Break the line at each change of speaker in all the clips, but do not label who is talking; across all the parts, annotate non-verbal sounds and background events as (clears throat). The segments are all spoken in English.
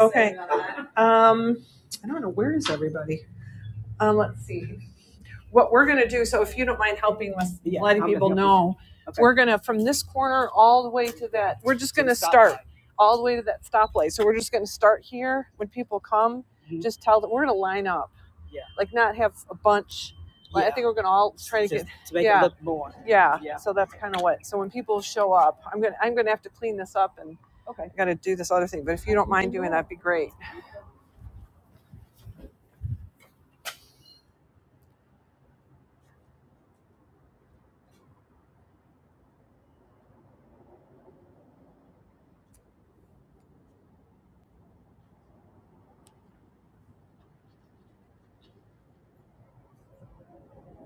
Okay. Um, I don't know where is everybody. Um, let's see what we're gonna do. So if you don't mind helping us, oh, we're gonna from this corner all the way to that. We're just all the way to that stoplight. So we're just gonna start here. When people come, just tell them we're gonna line up, like not have a bunch. I think we're gonna all try. Yeah. So that's kind of what. So when people show up, I'm gonna I'm gonna have to clean this up and I gotta do this other thing. But if you don't mind doing that, would be great.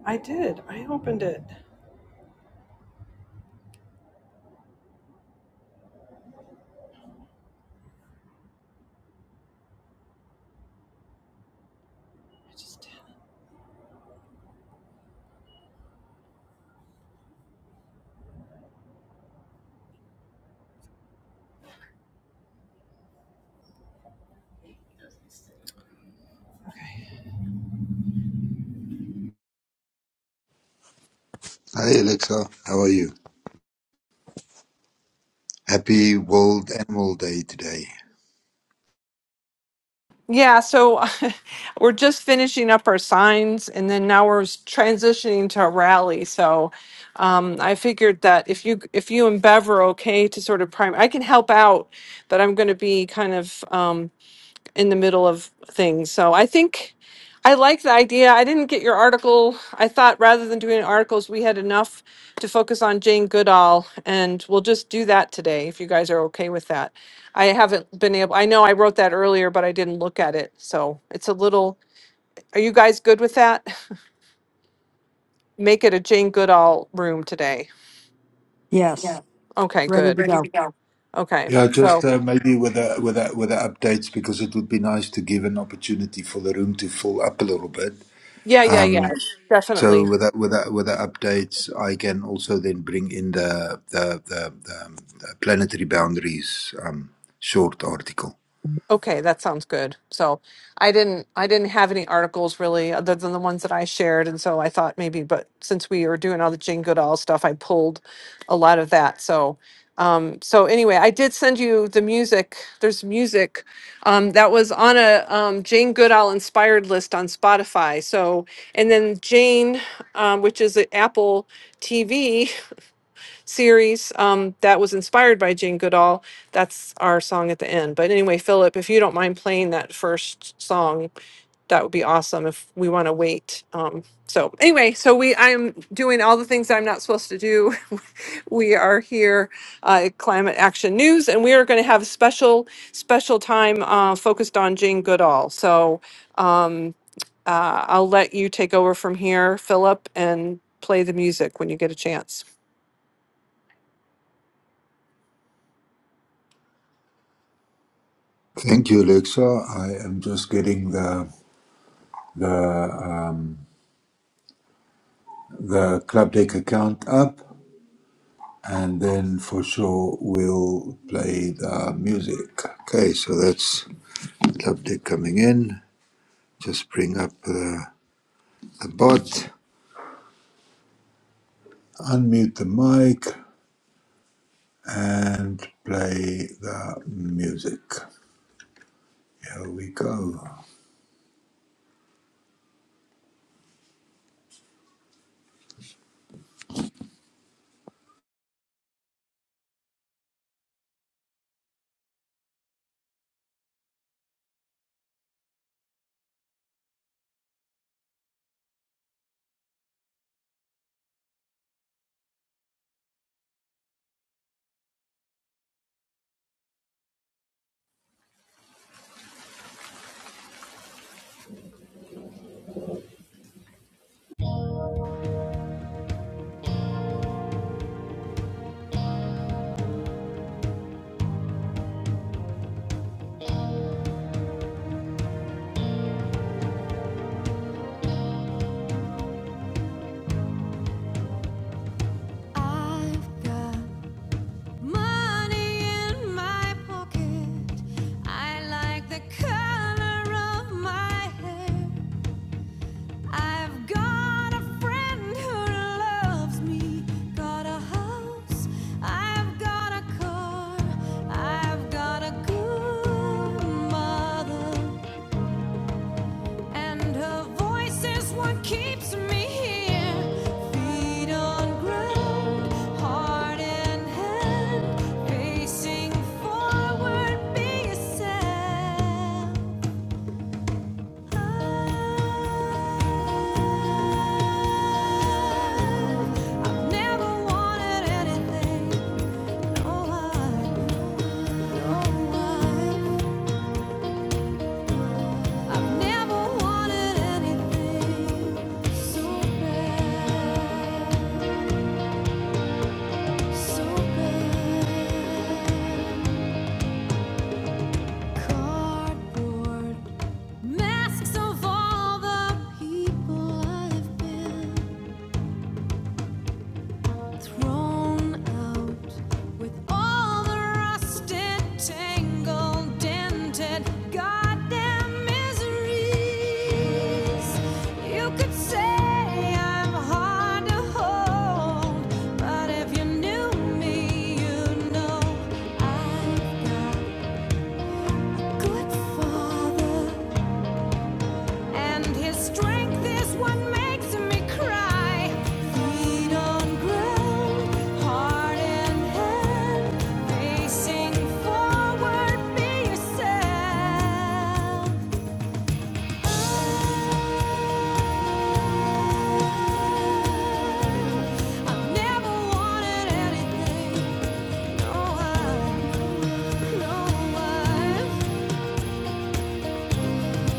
I did. I opened it.
Hi Alexa, how are you? Happy World Animal Day today.
Yeah, so (laughs) we're just finishing up our signs and then now we're s- transitioning to a rally. So um, I figured that if you if you and Bev are okay to sort of prime, I can help out, but I'm going to be kind of. Um, in the middle of things. So I think I like the idea. I didn't get your article. I thought rather than doing articles, we had enough to focus on Jane Goodall, and we'll just do that today if you guys are okay with that. I haven't been able, I know I wrote that earlier, but I didn't look at it. So it's a little, are you guys good with that? (laughs) Make it a Jane Goodall room today.
Yes,
Okay,
ready
good.
to
Ready.
go.
Okay.
Yeah, just
So,
uh, maybe with the with the, with the updates because it would be nice to give an opportunity for the room to fill up a little bit.
yeah, yeah, yeah,
Um, so
definitely.
with the, with the, with the updates, I can also then bring in the the, the, the, um, the planetary boundaries um, short article.
Okay, that sounds good. So I didn't I didn't have any articles really other than the ones that I shared, and so I thought maybe, but since we were doing all the Jane Goodall stuff, I pulled a lot of that. So um so anyway, I did send you the music. There's music um that was on a um Jane Goodall inspired list on Spotify. So and then Jane um which is at Apple TV series um, that was inspired by Jane Goodall. That's our song at the end. But anyway, Philip, if you don't mind playing that first song, that would be awesome if we want to wait. Um, so anyway, so we I'm doing all the things I'm not supposed to do. (laughs) we are here uh, at Climate Action News, and we are going to have a special special time uh, focused on Jane Goodall. So um, uh, I'll let you take over from here, Philip, and play the music when you get a chance.
Thank you, Alexa. I am just getting the the um, the Club Deck account up. and then for sure we'll play the music. Okay, so that's update coming in. Just bring up the, the bot, unmute the mic, and play the music. Here we go.
I've got money in my pocket. I like the color of my hair. I've got a friend who loves me. Got a house. I've got a car. I've got a good mother. And her voice is what keeps me here. Feet on ground, heart in hand, facing forward, be yourself. I, I've never wanted anything. No, I, no, I. I've never wanted anything so bad, so bad. Cardboard masks of all the people I've been. Thrown out with all the rusted, tangled, dented, goddamn miseries. You could say I'm hard to hold, but if you knew me, you'd know I've got good father. And his strength is what makes me cry. Feet on ground, heart in hand, facing forward, be yourself. I've never wanted anything, no one, no one.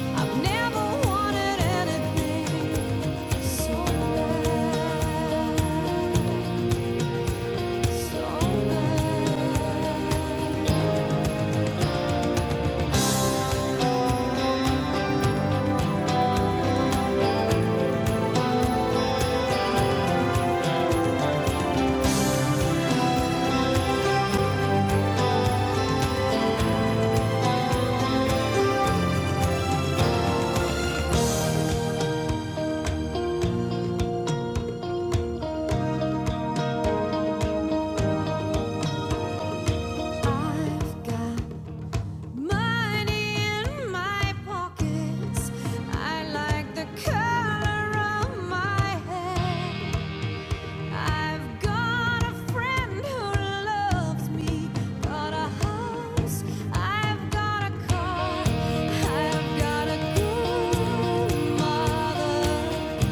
I've never wanted anything so bad. I've got a good mother.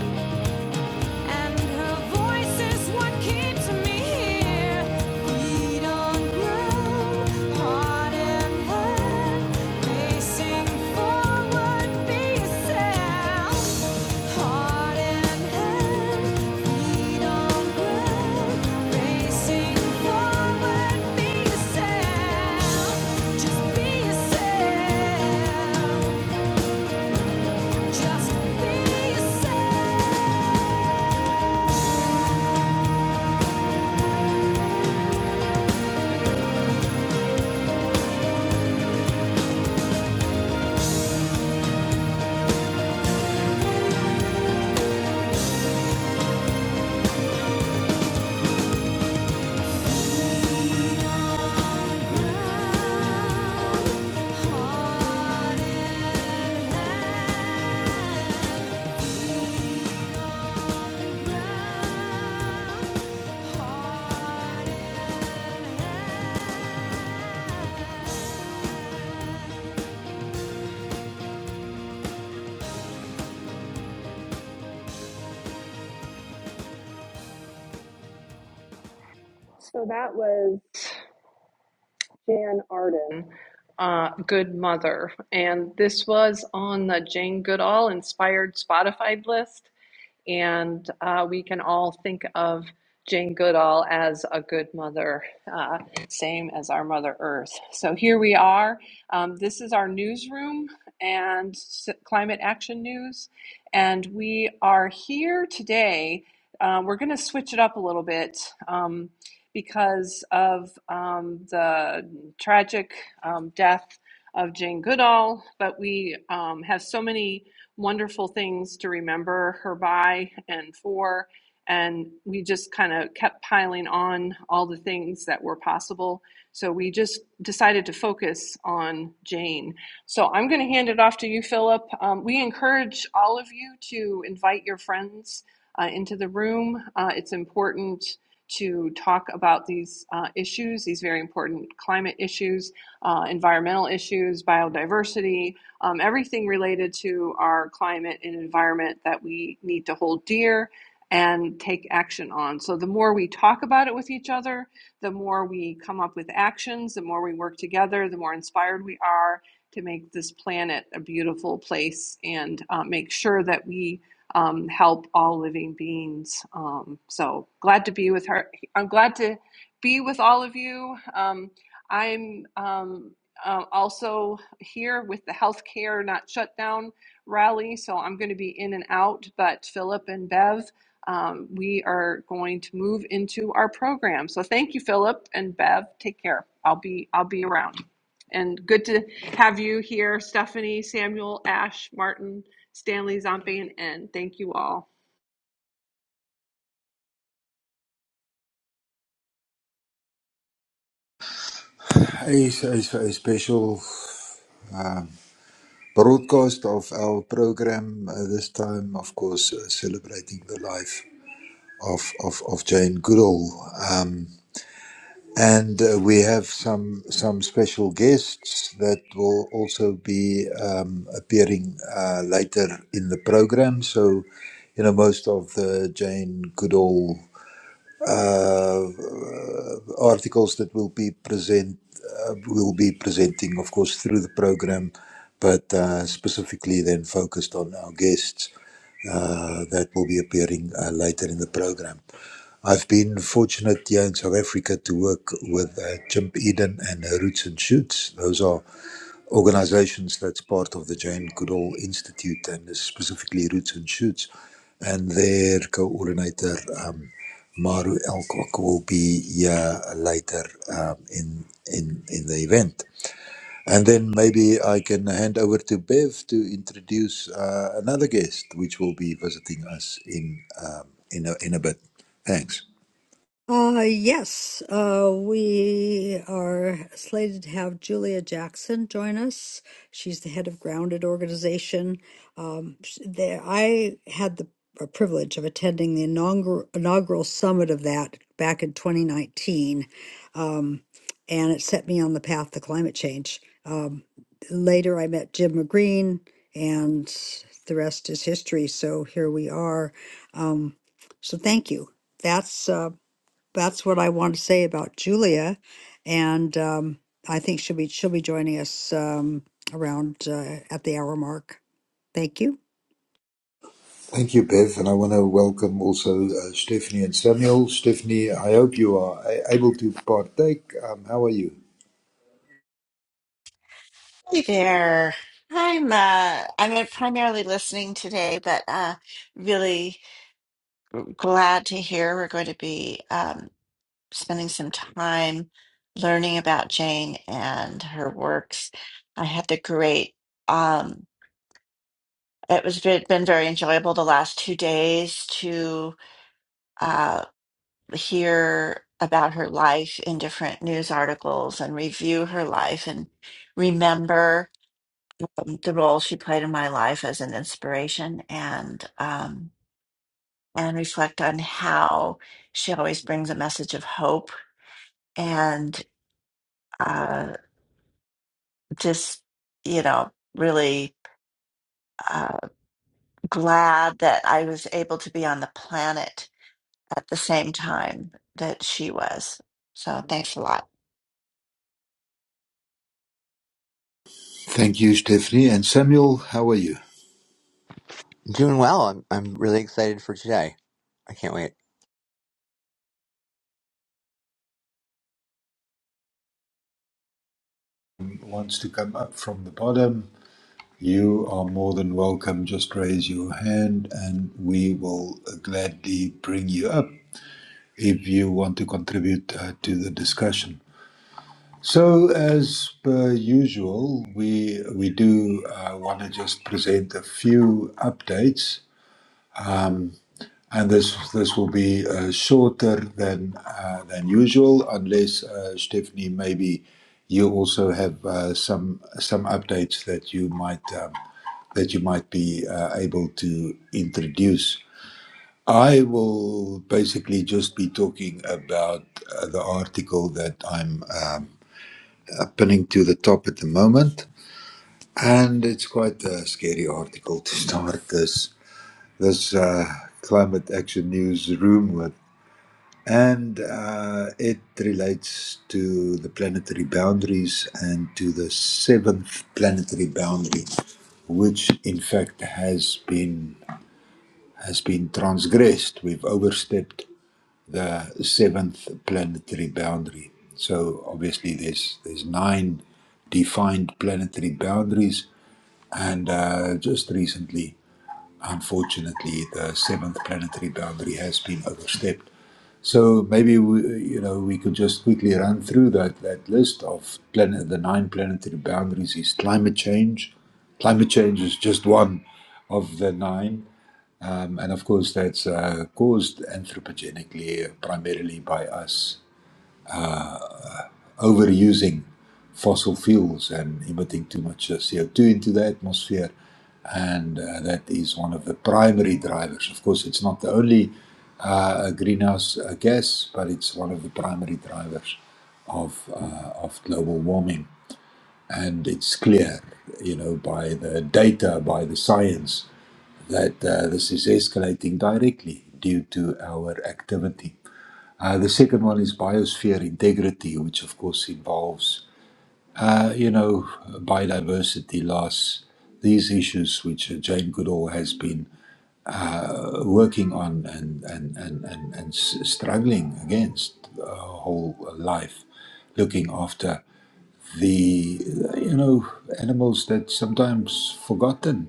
And her voice is what keeps me here. Feet on ground, heart in hand, pacing forward, be yourself. Heart in hand, feet on ground, pacing forward, be yourself. Just be yourself. Just be yourself. Heart
So that was Jan Arden, uh, Good Mother. And this was on the Jane Goodall inspired Spotify list. And uh, we can all think of Jane Goodall as a good mother, uh, same as our Mother Earth. So here we are. Um, this is our newsroom and climate action news. And we are here today. Uh, we're going to switch it up a little bit um, because of um, the tragic um, death of Jane Goodall, but we um, have so many wonderful things to remember her by and for. And we just kind of kept piling on all the things that were possible. So we just decided to focus on Jane. So I'm going to hand it off to you, Philip. Um, we encourage all of you to invite your friends uh, into the room. Uh, it's important to talk about these uh, issues, these very important climate issues, uh, environmental issues, biodiversity, um, everything related to our climate and environment that we need to hold dear and take action on. So the more we talk about it with each other, the more we come up with actions, the more we work together, the more inspired we are to make this planet a beautiful place and uh, make sure that we um, help all living beings. Um, so glad to be with her. I'm glad to be with all of you. Um, I'm um, uh, also here with the healthcare not shut down rally, so I'm going to be in and out. But Philip and Bev, um, we are going to move into our program. So thank you, Philip and Bev. Take care. I'll be I'll be around. And good to have you here, Stephanie, Samuel, Ash, Martin, Stanley, Zombie, and thank you all.
Hey, so it's a special um, broadcast of our program uh, this time, of course, uh, celebrating the life of, of, of Jane Goodall. Um, And uh, we have some some special guests that will also be um, appearing uh, later in the program. So, you know, most of the Jane Goodall uh, uh, articles that will be present uh, will be presenting, of course, through the program, but uh, specifically then focused on our guests uh, that will be appearing uh, later in the program. I've been fortunate here in South Africa to work with uh, Chimp Eden and uh, Roots and Shoots. Those are organizations that's part of the Jane Goodall Institute and specifically Roots and Shoots. And their coordinator, um, Maru Elcock, will be here later um, in, in, in the event. And then maybe I can hand over to Bev to introduce uh, another guest, which will be visiting us in, um, in, a, in a bit. Thanks.
Uh, yes, uh, we are slated to have Julia Jackson join us. She's the head of Grounded Organization. Um, sh- there, I had the uh, privilege of attending the inaugural, inaugural summit of that back in 2019, um, and it set me on the path to climate change. Um, later, I met Jim McGreen, and the rest is history. So here we are. Um, so thank you. That's uh, that's what I want to say about Julia, and um, I think she'll be she'll be joining us um, around uh, at the hour mark. Thank you.
Thank you, Bev, and I want to welcome also uh, Stephanie and Samuel. Stephanie, I hope you are a- able to partake. Um, how are you?
Hey there. I'm uh I'm uh, primarily listening today, but uh really glad to hear we're going to be um spending some time learning about Jane and her works. I had the great um it was ve- been very enjoyable the last two days to uh hear about her life in different news articles and review her life and remember. the role she played in my life as an inspiration and um, and reflect on how she always brings a message of hope and uh, just you know really uh, glad that I was able to be on the planet at the same time that she was. So thanks a lot.
Thank you, Stephanie. And Samuel, how are you?
Doing well. I'm I'm really excited for today. I can't wait.
Wants to come up from the bottom. You are more than welcome. Just raise your hand and we will gladly bring you up if you want to contribute uh, to the discussion. So, as per usual, we we do uh, want to just present a few updates and this this will be uh, shorter than uh, than usual, unless uh, Stephanie, maybe you also have uh, some some updates that you might um, that you might be uh, able to introduce. I will basically just be talking about uh, the article that I'm um, uh, pinning to the top at the moment, and it's quite a scary article to (laughs) start this this uh, climate action newsroom with And uh, it relates to the planetary boundaries and to the seventh planetary boundary, which in fact has been has been transgressed. We've overstepped the seventh planetary boundary. So obviously there's there's nine defined planetary boundaries, and uh, just recently. Unfortunately, the seventh planetary boundary has been overstepped. So maybe we, you know we could just quickly run through that, that list of planet the nine planetary boundaries is climate change. Climate change is just one of the nine, um, and of course that's uh, caused anthropogenically, uh, primarily by us overusing fossil fuels and emitting too much uh, CO2 into the atmosphere. And uh, that is one of the primary drivers. Of course, it's not the only uh, greenhouse uh, gas, but it's one of the primary drivers of, uh, of global warming. And it's clear, you know, by the data, by the science, that uh, this is escalating directly due to our activity. Uh, the second one is biosphere integrity, which of course involves, uh, you know, biodiversity loss, these issues which uh, Jane Goodall has been uh, working on and, and, and, and, and s- struggling against uh, whole life, looking after the, uh, you know, animals that sometimes forgotten.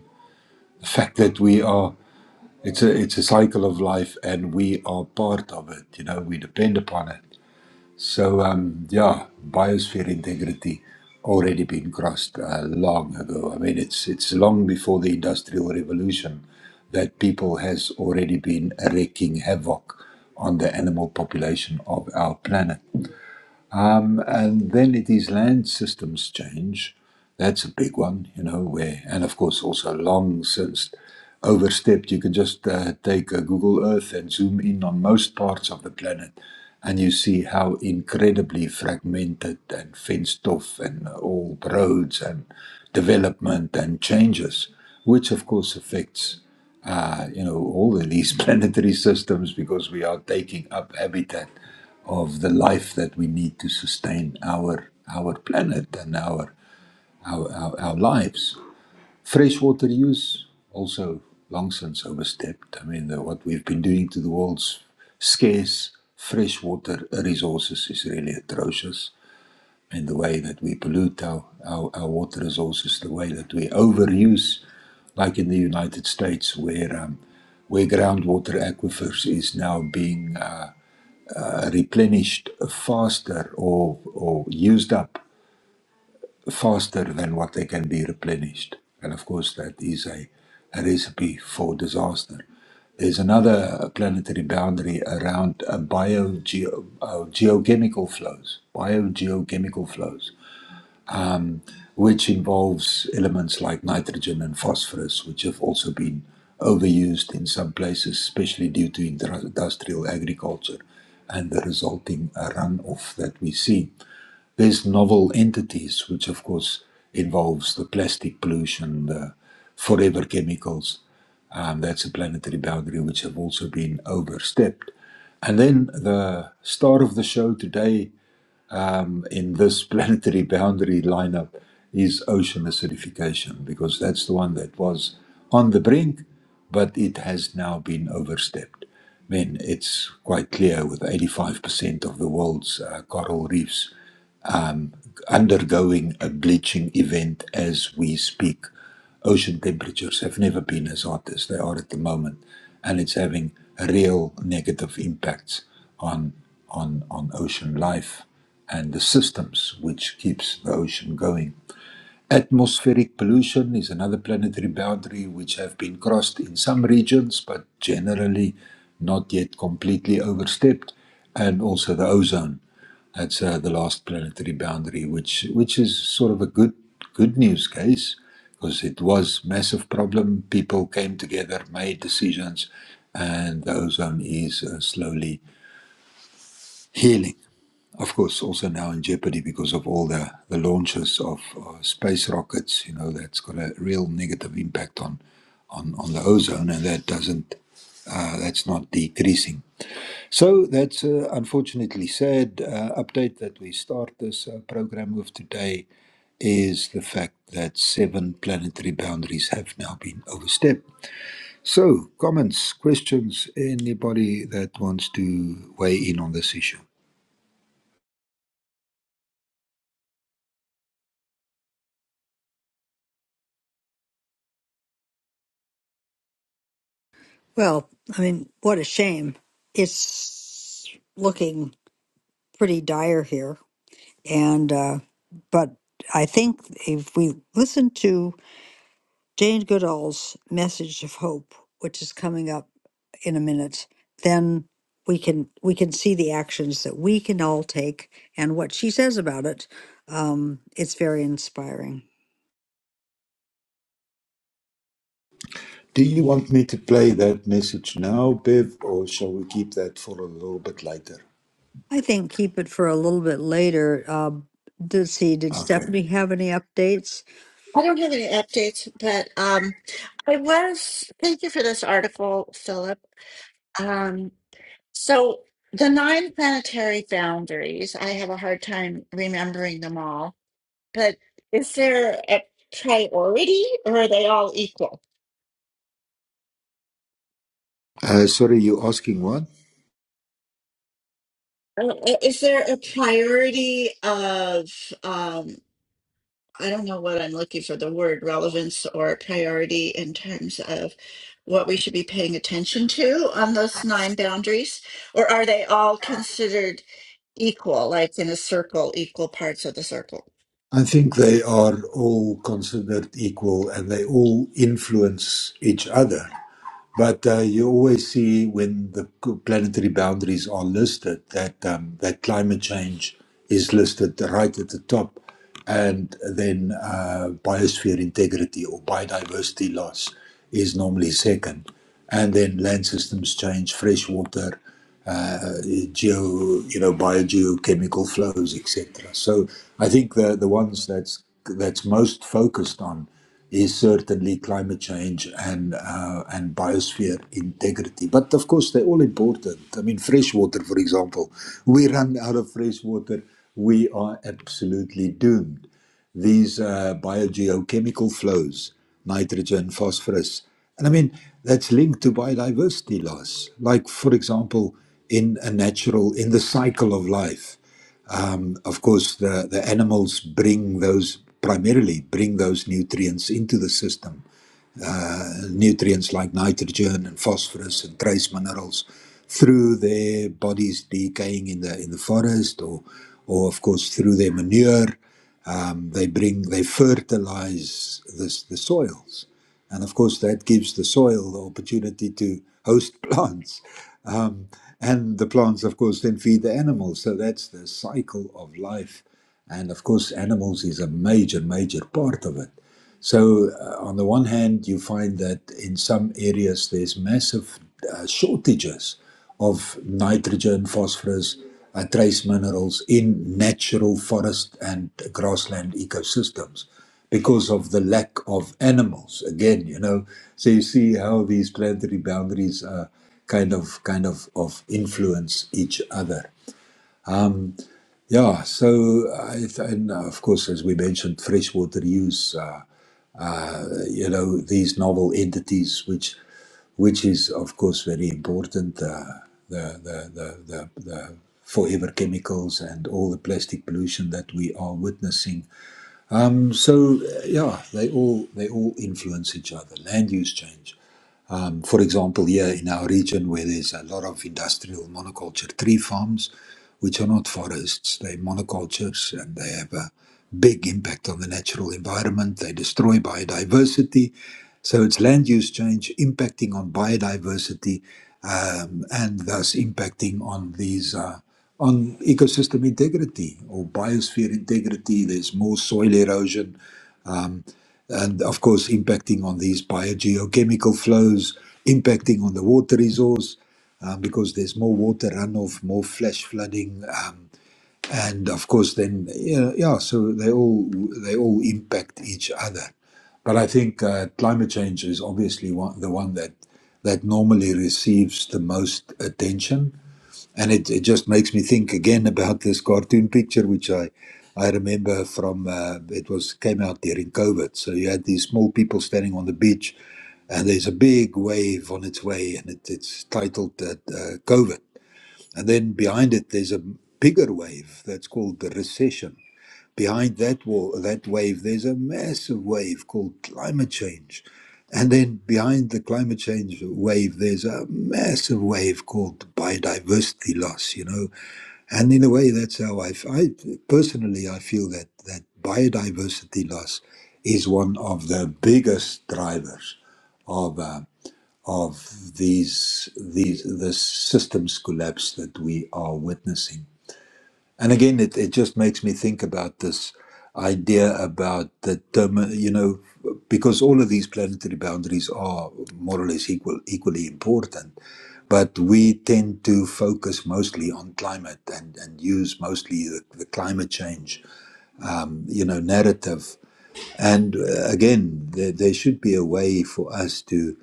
The fact that we are, it's a, it's a cycle of life and we are part of it, you know, we depend upon it So um, yeah, biosphere integrity already been crossed uh, long ago. I mean, it's it's long before the industrial revolution that people has already been wreaking havoc on the animal population of our planet. Um, and then it is land systems change. That's a big one, you know, where, and of course, also long since overstepped. You can just uh, take a Google Earth and zoom in on most parts of the planet, and you see how incredibly fragmented and fenced off and old roads and development and changes, which of course affects uh, you know, all of these (laughs) planetary systems because we are taking up habitat of the life that we need to sustain our our planet and our our, our, our lives. Freshwater use also long since overstepped. I mean, the, what we've been doing to the world's scarce freshwater resources is really atrocious and the way that we pollute our, our, our water resources, the way that we overuse, like in the United States, where um, where groundwater aquifers is now being uh, uh, replenished faster or or used up faster than what they can be replenished, and of course that is a, a recipe for disaster. There's another planetary boundary around uh, bio, geo, uh, geochemical flows, biogeochemical flows which involves elements like nitrogen and phosphorus, which have also been overused in some places, especially due to industrial agriculture and the resulting uh, runoff that we see. There's novel entities, which of course involves the plastic pollution, the forever chemicals. Um, that's a planetary boundary which have also been overstepped. And then the star of the show today um, in this (laughs) planetary boundary lineup is ocean acidification because that's the one that was on the brink, but it has now been overstepped. I mean, it's quite clear with 85% of the world's uh, coral reefs undergoing a bleaching event as we speak. Ocean temperatures have never been as hot as they are at the moment, and it's having real negative impacts on on on ocean life and the systems which keeps the ocean going. Atmospheric pollution is another planetary boundary which have been crossed in some regions, but generally not yet completely overstepped, and also the ozone. That's uh, the last planetary boundary, which which is sort of a good good news case because it was massive problem. People came together, made decisions, and the ozone is uh, slowly Healing, of course, also now in jeopardy because of all the, the launches of uh, space rockets. You know, that's got a real negative impact on, on, on the ozone, and that doesn't, uh, that's not decreasing. So that's uh, unfortunately sad. Uh, update that we start this uh, program with today is the fact that seven planetary boundaries have now been overstepped. So, comments, questions, anybody that wants to weigh in on this issue?
Well, I mean, what a shame. It's looking pretty dire here, and uh, but I think if we listen to Jane Goodall's message of hope, which is coming up in a minute, then we can we can see the actions that we can all take and what she says about it. Um, it's very inspiring.
Do you want me to play that message now, Bev, or shall we keep that for a little bit later?
I think keep it for a little bit later. Uh, did see? Did
Okay.
Stephanie have any updates?
I don't have any updates, but um, I was. Thank you for this article, Philip. Um, So the nine planetary boundaries, I have a hard time remembering them all, but is there a priority or are they all equal?
Uh, sorry, you asking what?
Uh, uh, Is there a priority of, um, I don't know what I'm looking for, the word relevance or priority in terms of what we should be paying attention to on those nine boundaries? Or are they all considered equal, like in a circle, equal parts of the circle?
I think they are all considered equal and they all influence each other. But uh, you always see when the planetary boundaries are listed that um, that climate change is listed right at the top, and then uh, biosphere integrity or biodiversity loss is normally second, and then land systems change, freshwater uh, uh, geo, you know, biogeochemical flows, etc. So I think the the ones that's that's most focused on is certainly climate change and uh, and biosphere integrity. But of course, they're all important. I mean, freshwater, for example, we run out of fresh water, we are absolutely doomed these uh, biogeochemical flows, nitrogen, phosphorus. And I mean, that's linked to biodiversity loss. Like, for example, in a natural, in the cycle of life, um, of course, the, the animals bring those, primarily bring those nutrients into the system nutrients like nitrogen and phosphorus and trace minerals through their bodies decaying in the in the forest or or of course through their manure um, they bring they fertilize this, the soils and of course that gives the soil the opportunity to host (laughs) plants um, and the plants, of course, then feed the animals. So that's the cycle of life. And of course, animals is a major, major part of it. So, uh, on the one hand, you find that in some areas there's massive uh, shortages of nitrogen, phosphorus, uh, trace minerals in natural forest and grassland ecosystems because of the lack of animals. Again, you know, so you see how these planetary boundaries are kind of kind of of influence each other. Yeah, so I th- and of course, as we mentioned, freshwater use. uh, you know these novel entities which which is of course very important uh, the, the the the the forever chemicals and all the plastic pollution that we are witnessing so uh, yeah they all they all influence each other land use change um, for example, here in our region where there's a lot of industrial monoculture tree farms, which are not forests, they're monocultures and they have a big impact on the natural environment. They destroy biodiversity. So it's land use change impacting on biodiversity um, and thus impacting on these. Uh, on ecosystem integrity or biosphere integrity, there's more soil erosion, um, and of course impacting on these biogeochemical flows, impacting on the water resource um, because there's more water runoff, more flash flooding, um, and of course then yeah, yeah, so they all they all impact each other. But I think uh, climate change is obviously one, the one that that normally receives the most attention and it, it just makes me think again about this cartoon picture which i i remember from uh, it was came out during covid so you had these small people standing on the beach and there's a big wave on its way and it, it's titled uh, uh, covid and then behind it there's a bigger wave that's called the recession behind that wall, that wave, there's a massive wave called climate change. And then behind the climate change wave, there's a massive wave called biodiversity loss, you know. And in a way, that's how I, f- I- personally, I feel that, that biodiversity loss is one of the biggest drivers of, uh, of these, these, the systems collapse that we are witnessing and again, it, it just makes me think about this idea about the term, you know, because all of these planetary boundaries are more or less equal, equally important. But we tend to focus mostly on climate and, and use mostly the, the climate change, um, you know, narrative. And uh, again, there, there should be a way for us to,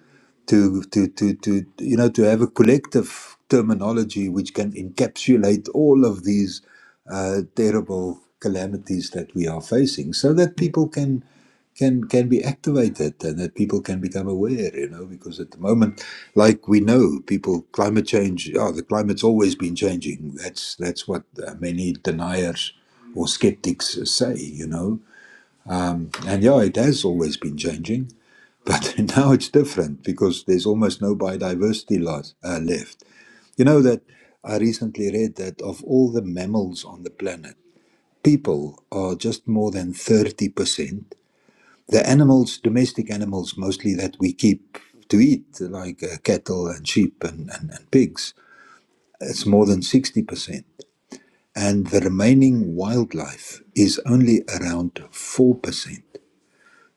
to, to, to, to, you know, to have a collective terminology which can encapsulate all of these uh, terrible calamities that we are facing, so that people can can can be activated and that people can become aware you know because at the moment like we know people climate change oh the climate's always been changing that's that's what uh, many deniers or skeptics say you know and yeah, it has always been changing, but (laughs) now it's different because there's almost no biodiversity loss, uh, left. You know that I recently read that of all the mammals on the planet, people are just more than 30%. The animals, domestic animals mostly that we keep to eat, like uh, cattle and sheep and, and, and pigs, it's more than 60%. And the remaining wildlife is only around 4%.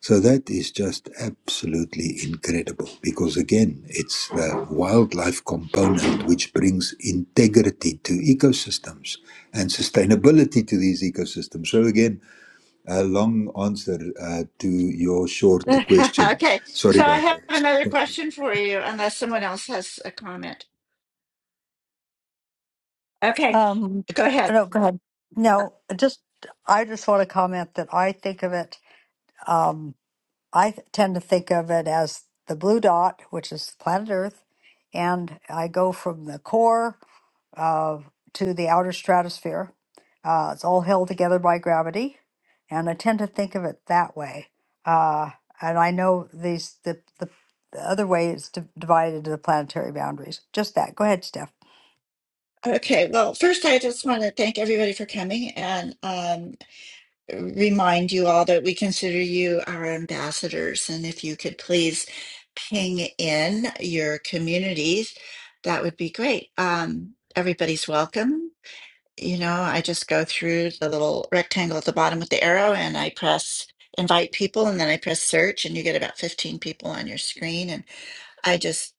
So that is just absolutely incredible because, again, it's the wildlife component which brings integrity to ecosystems and sustainability to these ecosystems. So, again, a long answer uh, to your
(laughs)
short question.
Okay,
Sorry
so I
about
have
that.
another question for you, unless someone else has a comment. Okay,
Um,
go ahead.
no, go ahead. No, just I just want to comment that I think of it. Um, I th- tend to think of it as the blue dot, which is planet Earth, and I go from the core uh, to the outer stratosphere. Uh, it's all held together by gravity, and I tend to think of it that way. Uh, and I know these the, the the other way is di- divided into the planetary boundaries. Just that. Go ahead, Steph.
Okay, well, first, I just want to thank everybody for coming and um, remind you all that we consider you our ambassadors. And if you could please ping in your communities, that would be great. Um, everybody's welcome you know, I just go through the little rectangle at the bottom with the arrow and I press invite people and then I press search and you get about 15 people on your screen and I just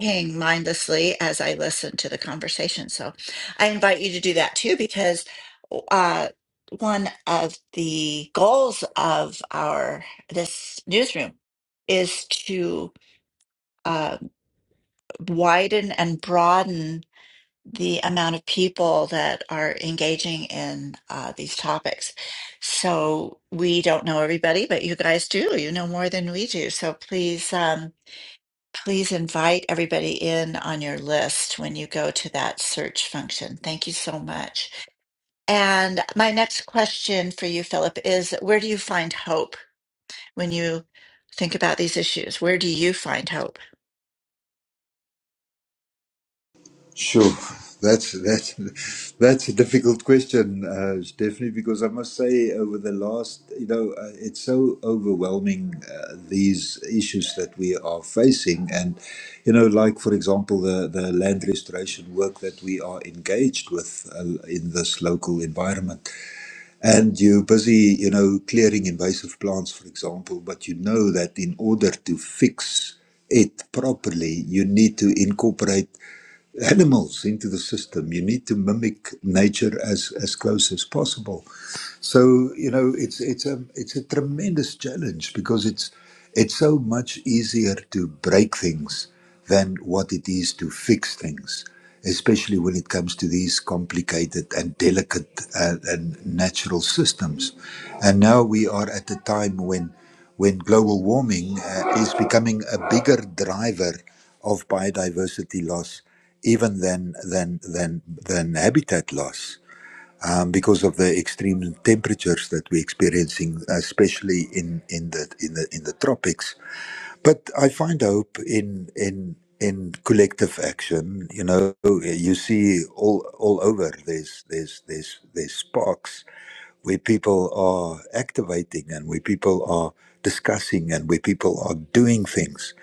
hang mindlessly as I listen to the conversation. So I invite you to do that too because uh one of the goals of our this newsroom is to uh, widen and broaden the amount of people that are engaging in uh, these topics. So we don't know everybody, but you guys do. You know more than we do. So please, um, please invite everybody in on your list when you go to that search function. Thank you so much. And my next question for you, Philip, is where do you find hope? when you think about these issues? Where do you find hope?
Sure. That's that's that's a difficult question, uh, Stephanie, because I must say over the last, you know, uh, it's so overwhelming uh, these issues that we are facing, and you know, like for example, the the land restoration work that we are engaged with uh, in this local environment, and you're busy, you know, clearing invasive plants, for example, but you know that in order to fix it properly, you need to incorporate animals into the system. You need to mimic nature as, as close as possible. So you know, it's it's a it's a tremendous challenge because it's it's so much easier to break things than what it is to fix things, especially when it comes to these complicated and delicate uh, and natural systems. And now we are at a time when when global warming uh, is becoming a bigger driver of biodiversity loss even than than than than habitat loss um, because of the extreme temperatures that we're experiencing, especially in, in the in the in the tropics. But I find hope in in in collective action. You know, you see all all over there's there's there's there's sparks where people are activating and where people are discussing and where people are doing things.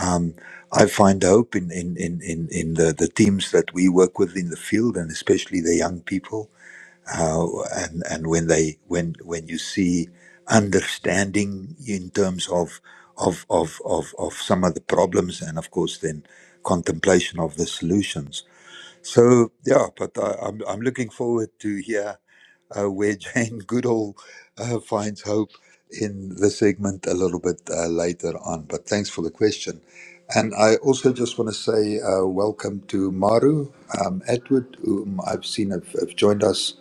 Um, I find hope in, in, in, in, in the, the teams that we work with in the field and especially the young people uh, and and when they when when you see understanding in terms of of of of of some of the problems and of course then contemplation of the solutions so yeah but I, i'm i'm looking forward to hear uh, where (laughs) jane goodall uh, finds hope in the segment a little bit uh, later on but thanks for the question and I also just want to say uh, welcome to Maru um, Edward, whom I've seen have, have joined us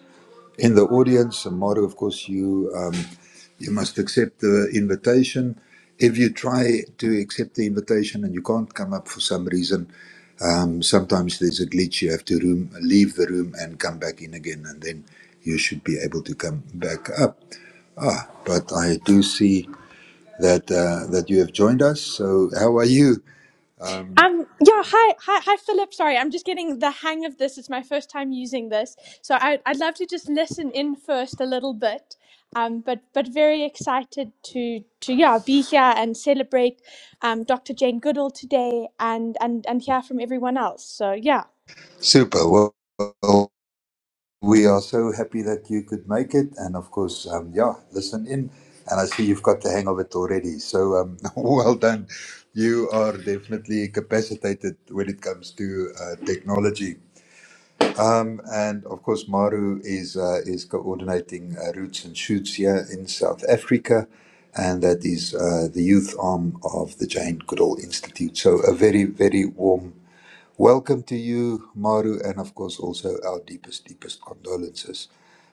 in the audience. And Mario, of course, you um, you must accept the invitation. If you try to accept the invitation and you can't come up for some reason, um, sometimes there's a glitch. You have to room, leave the room and come back in again, and then you should be able to come back up. Ah, but I do see that uh, that you have joined us. So how are you? Um,
Um, yeah, hi, hi, hi, Philip. Sorry, I'm just getting the hang of this. It's my first time using this, so I, I'd love to just listen in first a little bit. Um, but but very excited to to yeah be here and celebrate um, Dr. Jane Goodall today and and and hear from everyone else. So yeah,
super. Well, We are so happy that you could make it, and of course, um, yeah, listen in. And I see you've got the hang of it already. So um, (laughs) well done. You are definitely capacitated when it comes to uh, technology. Um, And of course, Maru is uh, is coordinating uh, Roots and Shoots here in South Africa, and that is uh, the youth arm of the Jane Goodall Institute. So a very very warm welcome to you, Maru, and of course also our deepest deepest condolences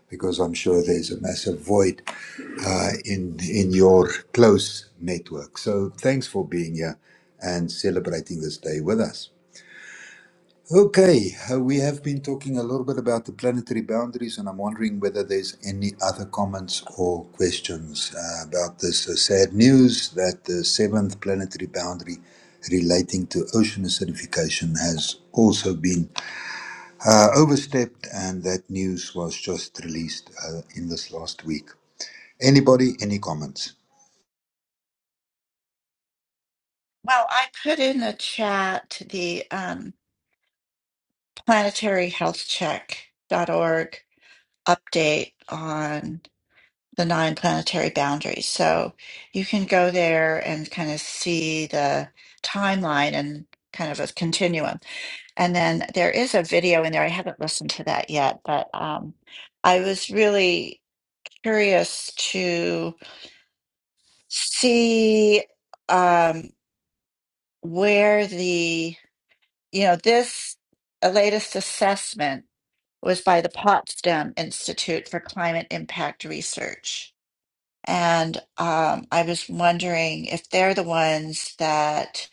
because I'm sure there's a massive void uh, in in your close network. So thanks for being here and celebrating this day with us. Okay, uh, we have been talking a little bit about the planetary boundaries, and I'm wondering whether there's any other comments or questions uh, about this uh, sad news that the seventh planetary boundary relating to ocean acidification has also been uh, overstepped, and that news was just released uh, in this last week. Anybody, any comments?
Well, I put in the chat the um, planetary health check dot org update on the nine planetary boundaries. So you can go there and kind of see the timeline and kind of a continuum. And then there is a video in there. I haven't listened to that yet, but um, I was really curious to see um, where the, you know, this uh, latest assessment was by the Potsdam Institute for Climate Impact Research. And um, I was wondering if they're the ones that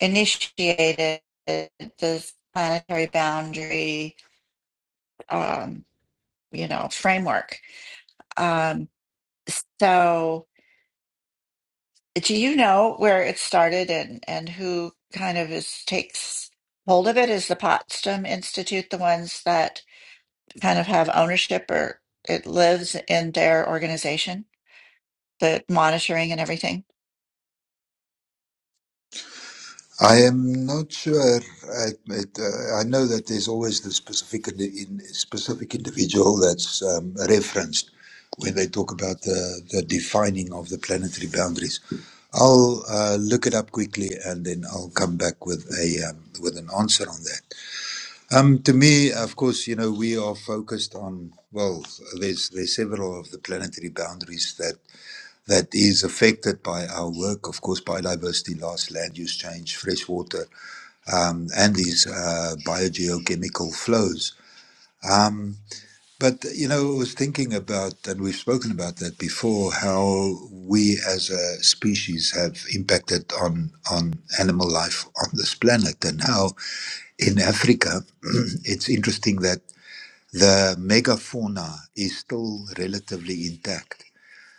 initiated this planetary boundary. Um, you know, framework. Um, so do you know where it started and, and who kind of is takes hold of it? Is the Potsdam Institute the ones that kind of have ownership or it lives in their organization, the monitoring and everything?
I am not sure. I, it, uh, I know that there's always the specific in, in specific individual that's um, referenced when they talk about the, the defining of the planetary boundaries. I'll uh, look it up quickly and then I'll come back with a um, with an answer on that. Um, to me, of course, you know we are focused on well. There's there's several of the planetary boundaries that. that is affected by our work, of course, biodiversity loss, land use change, freshwater, um, and these uh, biogeochemical flows. Um, but, you know, I was thinking about, and we've spoken about that before, how we as a species have impacted on, on animal life on this planet, and how in Africa, (clears throat) it's interesting that the megafauna is still relatively intact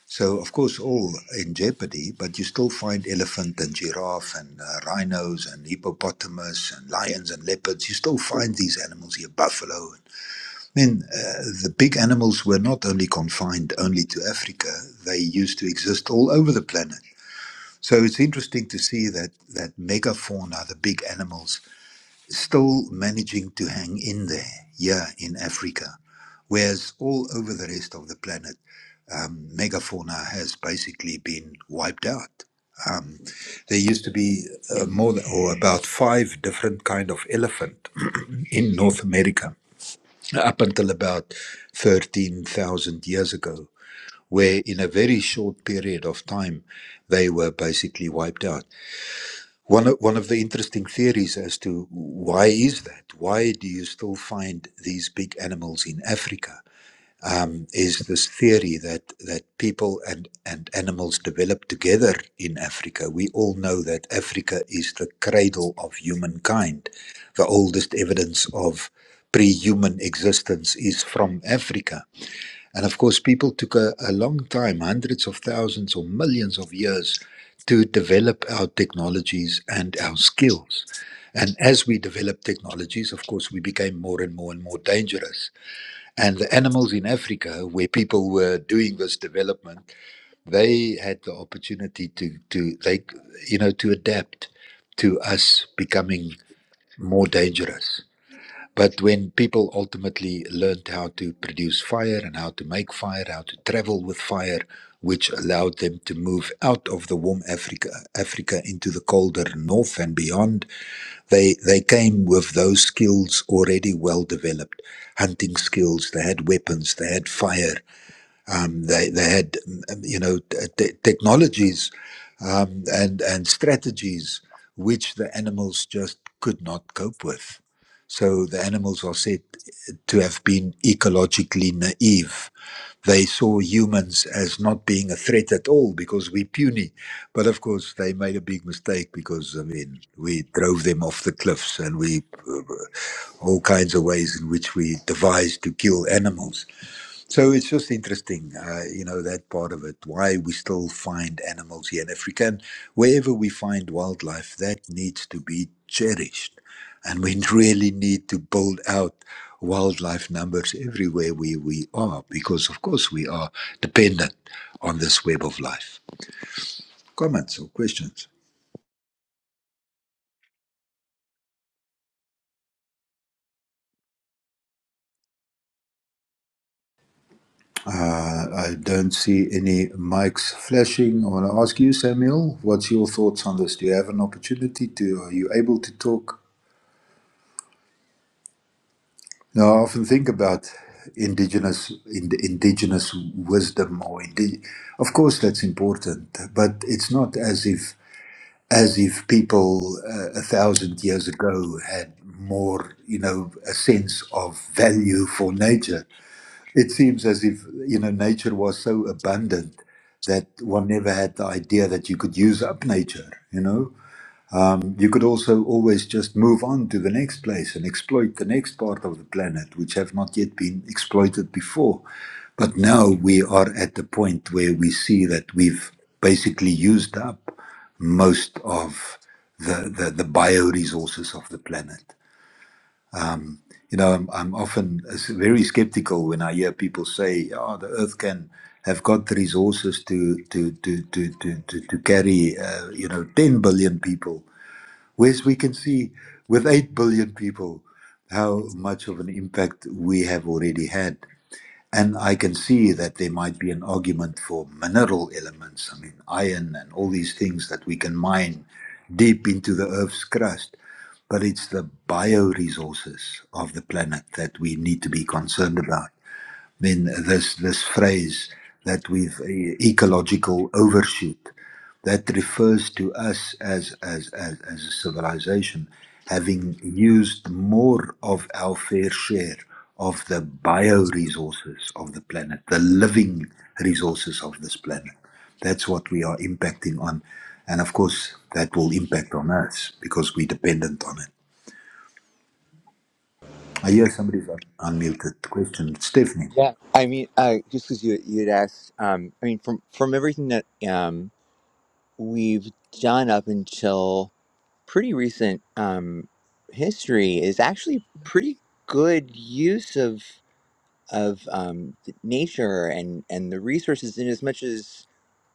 so, of course, all in jeopardy, but you still find elephant and giraffe and uh, rhinos and hippopotamus and lions and leopards. You still find these animals here, buffalo. Then uh, the big animals were not only confined only to Africa, they used to exist all over the planet. So it's interesting to see that, that megafauna, the big animals, still managing to hang in there, yeah, in Africa, whereas all over the rest of the planet, um, megafauna has basically been wiped out. Um, there used to be uh, more than, or about five different kind of elephant (clears throat) in North America up until about 13,000 years ago, where in a very short period of time, they were basically wiped out. One of, one of the interesting theories as to why is that? Why do you still find these big animals in Africa? um, is this theory that that people and and animals develop together in Africa. We all know that Africa is the cradle of humankind. The oldest evidence of pre-human existence is from Africa, and of course, people took a, a long time, hundreds of thousands or millions of years, to develop our technologies and our skills. And as we developed technologies, of course, we became more and more and more dangerous and the animals in Africa, where people were doing this development, they had the opportunity to, to they, you know, to adapt to us becoming more dangerous. But when people ultimately learned how to produce fire and how to make fire, how to travel with fire, which allowed them to move out of the warm Africa, Africa into the colder north and beyond, they they came with those skills already well developed, hunting skills. They had weapons. They had fire. Um, they they had mm, mm, you know te- technologies, um, and and strategies which the animals just could not cope with. So the animals are said to have been ecologically naive they saw humans as not being a threat at all because we're puny. But of course, they made a big mistake because, I mean, we drove them off the cliffs and we, uh, all kinds of ways in which we devised to kill animals. So it's just interesting, uh, you know, that part of it, why we still find animals here in Africa. And wherever we find wildlife, that needs to be cherished. And we (laughs) really need to build out wildlife numbers everywhere we, we are, because of course we are dependent on this web of life. Comments or questions? Uh, I don't see any mics flashing. I want to ask you, Samuel, what's your thoughts on this? Do you have an opportunity to, are you able to talk? Now, I often think about indigenous in indigenous wisdom or indi- of course that's important, but it's not as if as if people uh, a thousand years ago had more, you know, a sense of value for nature. It seems as if you know nature was so abundant that one never had the idea that you could use up nature, you know um, You could also always just move on to the next place and exploit the next part of the planet, which have not yet been exploited before. But now we are at the point where we see that we've basically used up most of the, the, the bioresources of the planet. You know, I'm, I'm often s- very skeptical when I hear people say, oh, the Earth can have got the resources to, to, to, to, to, to, to carry, uh, you know, 10 billion people whereas we can see with 8 billion people how much of an impact we have already had. And I can see that there might be an argument for mineral elements, I mean, iron and all these things that we can mine deep into the Earth's crust. But it's the bioresources of the planet that we need to be concerned about. I mean, this this phrase that we've e- ecological overshoot that refers to us as as as, as a civilization having used more of our fair share of the bioresources of the planet, the living resources of this planet. That's what we are impacting on. And of course, that will impact on us because we're dependent on it. I hear somebody's un- unmuted question. Stephanie.
Yeah. I mean, uh, just because you you had asked, um, I mean, from from everything that um we've done up until pretty recent um history is actually pretty good use of of um nature and and the resources in as much as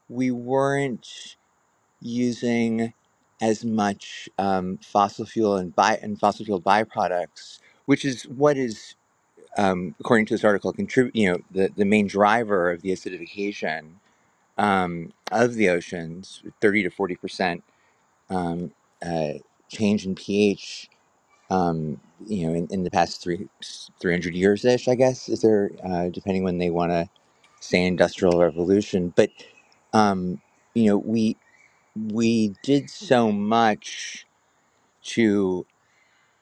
we weren't using as much um, fossil fuel and by and fossil fuel byproducts which is what is um, according to this article, contribute. You know, the, the main driver of the acidification um, of the oceans, thirty to forty percent um, uh, change in pH. Um, you know, in, in the past three three hundred years ish, I guess is there uh, depending when they want to say industrial revolution, but um, you know, we we did so much to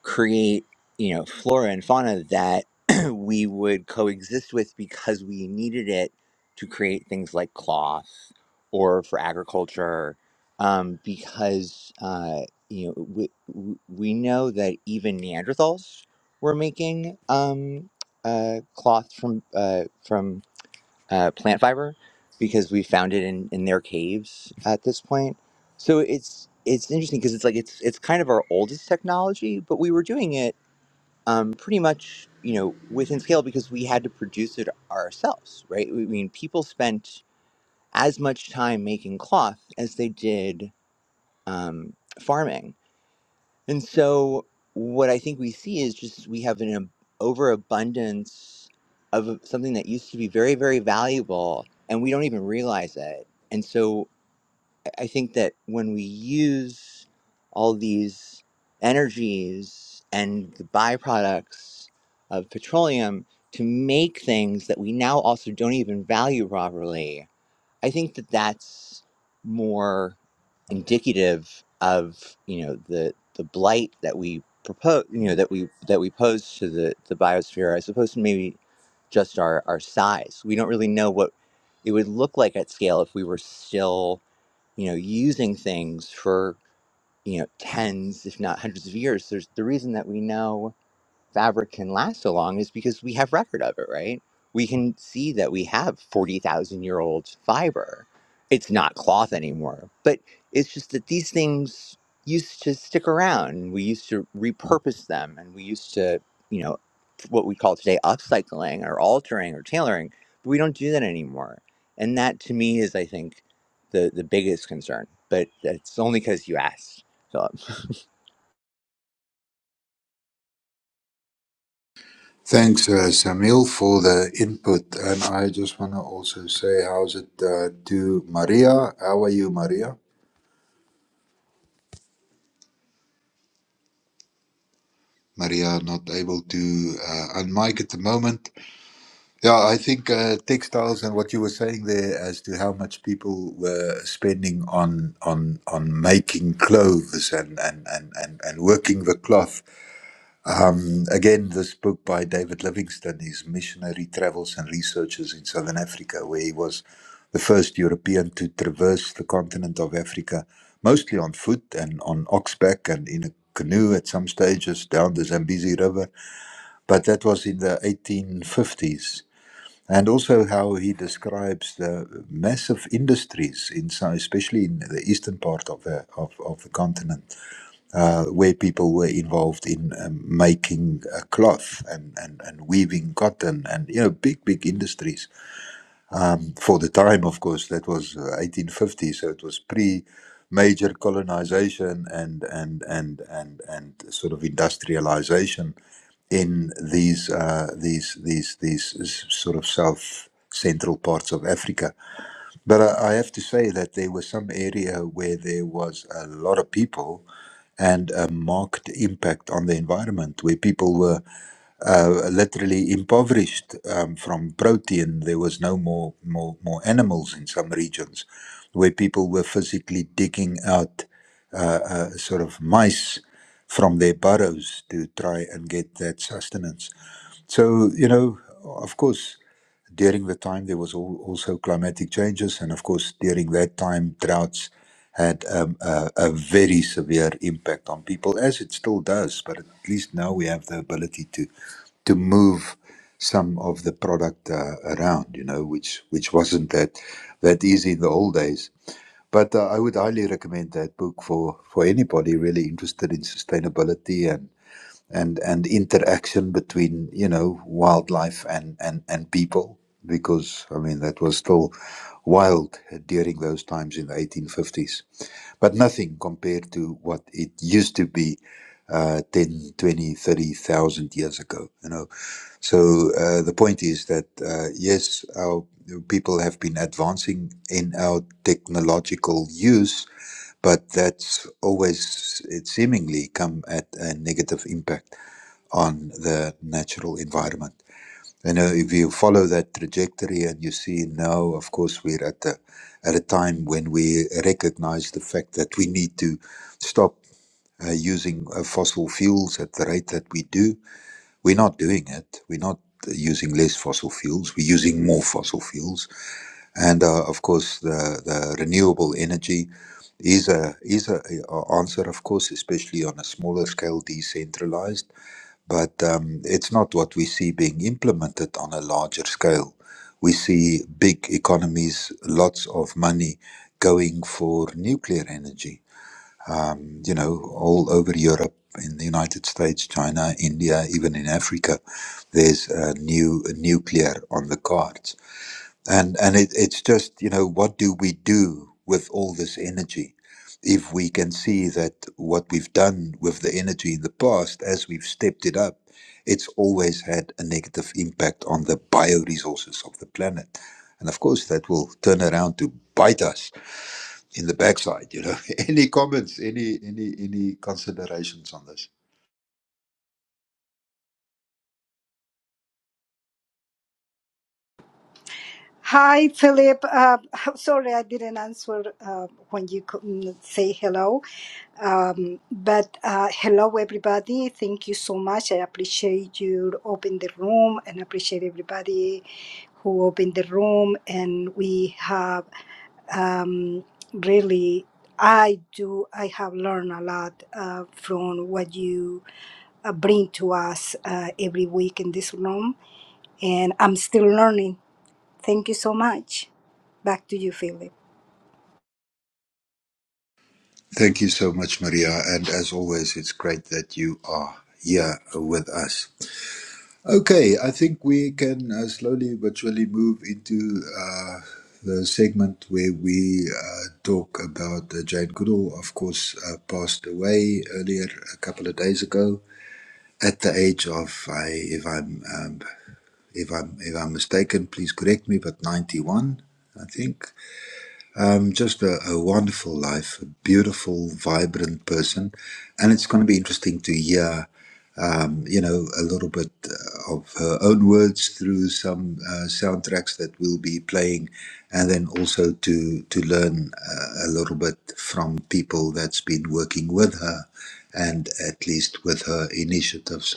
create you know flora and fauna that (clears throat) we would coexist with because we needed it to create things like cloth or for agriculture um, because uh, you know we, we we know that even neanderthals were making um, uh, cloth from uh, from uh, plant fiber because we found it in, in their caves at this point. So it's it's interesting because it's like it's it's kind of our oldest technology, but we were doing it um, pretty much you know within scale because we had to produce it ourselves, right? I mean, people spent as much time making cloth as they did um, farming, and so, what I think we see is just we have an ab- overabundance of something that used to be very, very valuable, and we don't even realize it. And so, I I think that when we use all these energies and the byproducts of petroleum to make things that we now also don't even value properly, I think that that's more indicative of you know the the blight that we propose you know that we that we pose to the the biosphere as opposed to maybe just our our size we don't really know what it would look like at scale if we were still you know using things for you know tens if not hundreds of years there's the reason that we know fabric can last so long is because we have record of it, right? We can see that we have 40,000 year old fiber. It's not cloth anymore, but it's just that these things used to stick around. We used to repurpose them and we used to, you know, what we call today upcycling or altering or tailoring, but we don't do that anymore. And that to me is, I think, the, the biggest concern, but it's only because you asked. Philip.
Thanks, uh, Samuel, for the input. And I just want to also say, how's it uh, to Maria? How are you, Maria? Maria, not able to uh, unmic at the moment. Yeah, I think uh, textiles and what you were saying there as to how much people were spending on on on making clothes and and and and, and working the cloth Um, again, this book by David Livingstone is Missionary Travels and Researches in Southern Africa, where he was the first European to traverse the continent of Africa, mostly on foot and on oxback and in a canoe at some stages down the Zambezi River. But that was in the 1850s. And also how he describes the massive industries, in, so- especially in the eastern part of the, of, of the continent uh, where people were involved in um, making uh, cloth and, and, and weaving cotton and you know big big industries um, for the time of course that was uh, 1850 so it was pre major colonization and and and and and sort of industrialization in these uh, these these these s- sort of south central parts of Africa but I, I have to say that there was some area where there was a lot of people and a marked impact on the environment where people were uh, literally impoverished um, from protein. There was no more, more, more animals in some regions where people were physically digging out sort of mice from their burrows to try and get that sustenance. So, you know, of course, during the time there was all, also climatic changes, and of course, during that time, droughts had um, a, a very severe impact on people, as it still does. But at least now we have the ability to to move some of the product uh, around, you know, which which wasn't that that easy in the old days. But uh, I would highly recommend that book for, for anybody really interested in sustainability and, and, and interaction between, you know, wildlife and, and, and people. Because, I mean, that was still wild during those times in the 1850s. But nothing compared to what it used to be uh, 10, twenty, thirty thousand years ago. You know, so uh, the point is that uh, yes, our people have been advancing in our technological use, but that's always it seemingly come at a negative impact on the natural environment. You know, if you follow that trajectory and you see now, of course, we're at a, at a time when we recognize the fact that we need to stop uh, using uh, fossil fuels at the rate that we do. We're not doing it. We're not uh, using less fossil fuels. We're using more fossil fuels, and uh, of course, the, the renewable energy is a is a, a answer, of course, especially on a smaller scale, decentralized. But um, it's not what we see being implemented on a larger scale. We see big economies, lots of money going for nuclear energy um, you know, all over Europe, in the United States, China, India, even in Africa, there's uh, new nuclear on the cards and and it, it's just you know what do we do with all this energy if we can see that what we've done with the energy in the past as we've stepped it up it's always had a negative impact on the bioresources of the planet and of course that will turn around to bite us in the backside you know (laughs) any comments any any any considerations on this
Hi, Philip. Uh, (laughs) sorry, I didn't answer uh, when you couldn't say hello. Um, but uh, hello, everybody. Thank you so much. I appreciate you open the room and appreciate everybody who opened the room. And we have um, really, I do, I have learned a lot uh, from what you uh, bring to us uh, every week in this room. And I'm still learning Thank you so much. Back to you, Philip.
thank you so much maria and as always it's great that you are here with us Okay, I think we can uh, slowly but surely move into uh, the segment where we uh, talk about uh, Jane Goodall, of course, uh, passed away earlier a couple of days ago at the age of, I, if I'm um, if I'm if I'm mistaken, please correct me, but 91, I think. Um, just a, a wonderful life, a beautiful, vibrant person, and it's going to be interesting to hear um, you know, a little bit uh, of her own words through some uh, soundtracks that we'll be playing, and then also to to learn uh, a little bit from people that's been working with her, and at least with her initiatives.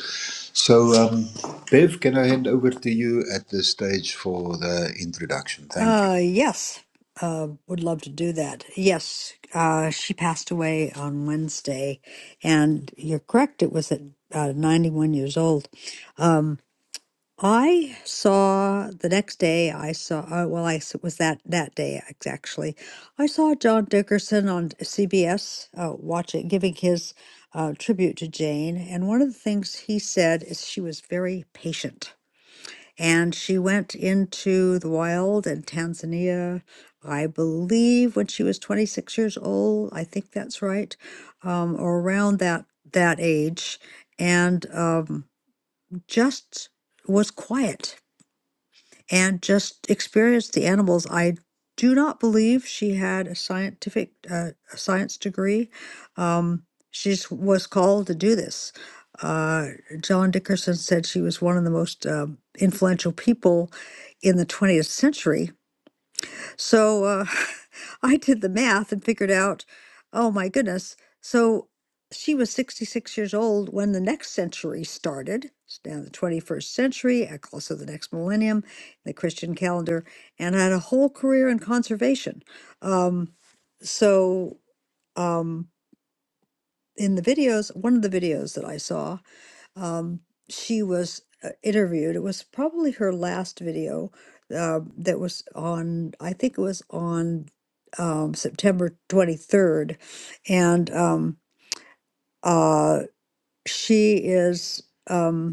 So, um, Bev, can I hand over to you at this stage for the introduction? Thank you.
Uh, yes. Uh, would love to do that. Yes. Uh, she passed away on Wednesday, and you're correct. It was at uh, 91 years old. Um, I saw the next day. I saw. Uh, well, I s- was that that day ex- actually. I saw John Dickerson on CBS, uh, watching, giving his uh, tribute to Jane. And one of the things he said is she was very patient and she went into the wild in Tanzania, I believe, when she was 26 years old. I think that's right, um, or around that that age, and um, just was quiet and just experienced the animals. I do not believe she had a scientific uh, a science degree. Um, she just was called to do this. Uh, John Dickerson said she was one of the most um influential people in the 20th century so uh, (laughs) I did the math and figured out, oh my goodness. So she was 66 years old when the next century started. It's now the 21st century, I call also the next millennium, the Christian calendar, and had a whole career in conservation. Um, so um, in the videos, one of the videos that I saw, um, she was uh, interviewed. It was probably her last video uh, that was on, I think it was on um, September 23rd. And um, uh, she is. Um,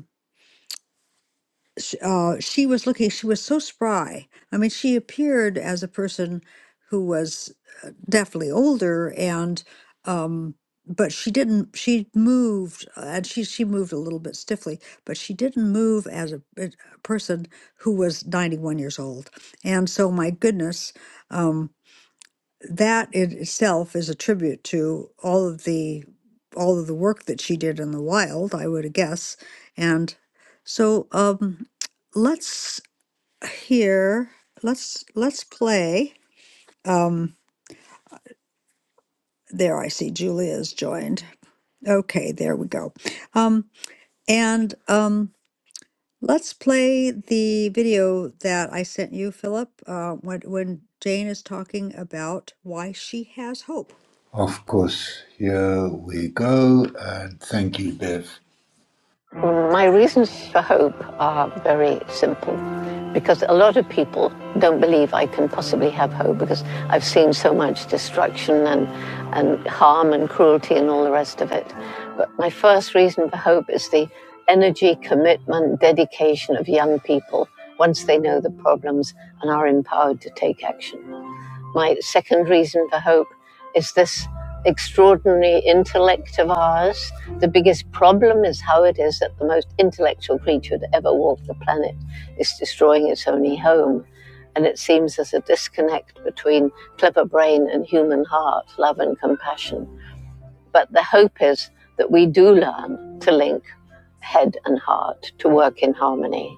sh- uh, she was looking, she was so spry. I mean, she appeared as a person who was uh, definitely older and, um, but she didn't, she moved uh, and she, she moved a little bit stiffly, but she didn't move as a, a person who was 91 years old. And so my goodness, um, that in itself is a tribute to all of the all of the work that she did in the wild, I would guess. And so um, let's hear let's let's play. Um, there I see Julia's joined. Okay, there we go. Um, and um, let's play the video that I sent you, Philip, uh, when when Jane is talking about why she has hope.
Of course, here we go, and thank you, Bev.
My reasons for hope are very simple because a lot of people don't believe I can possibly have hope because I've seen so much destruction and, and harm and cruelty and all the rest of it. But my first reason for hope is the energy, commitment, dedication of young people once they know the problems and are empowered to take action. My second reason for hope is this extraordinary intellect of ours. The biggest problem is how it is that the most intellectual creature to ever walk the planet is destroying its only home. And it seems there's a disconnect between clever brain and human heart, love and compassion. But the hope is that we do learn to link head and heart to work in harmony.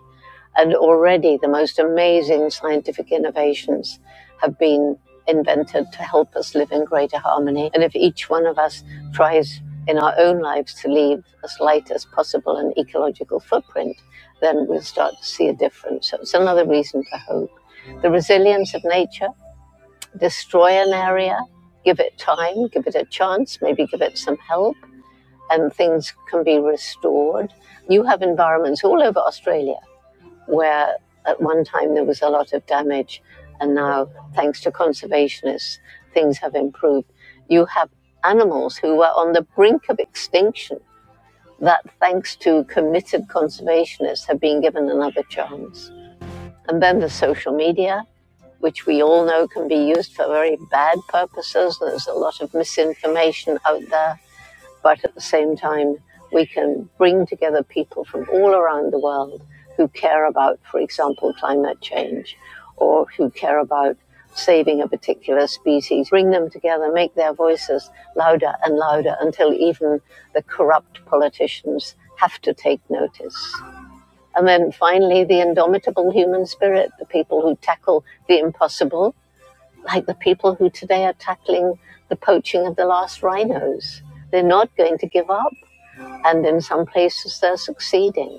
And already the most amazing scientific innovations have been invented to help us live in greater harmony. And if each one of us tries in our own lives to leave as light as possible an ecological footprint, then we'll start to see a difference. So it's another reason for hope. The resilience of nature destroy an area, give it time, give it a chance, maybe give it some help, and things can be restored. You have environments all over Australia where at one time there was a lot of damage, and now, thanks to conservationists, things have improved. You have animals who were on the brink of extinction that, thanks to committed conservationists, have been given another chance. And then the social media, which we all know can be used for very bad purposes. There's a lot of misinformation out there. But at the same time, we can bring together people from all around the world who care about, for example, climate change or who care about saving a particular species, bring them together, make their voices louder and louder until even the corrupt politicians have to take notice. And then finally, the indomitable human spirit, the people who tackle the impossible, like the people who today are tackling the poaching of the last rhinos. They're not going to give up. And in some places, they're succeeding.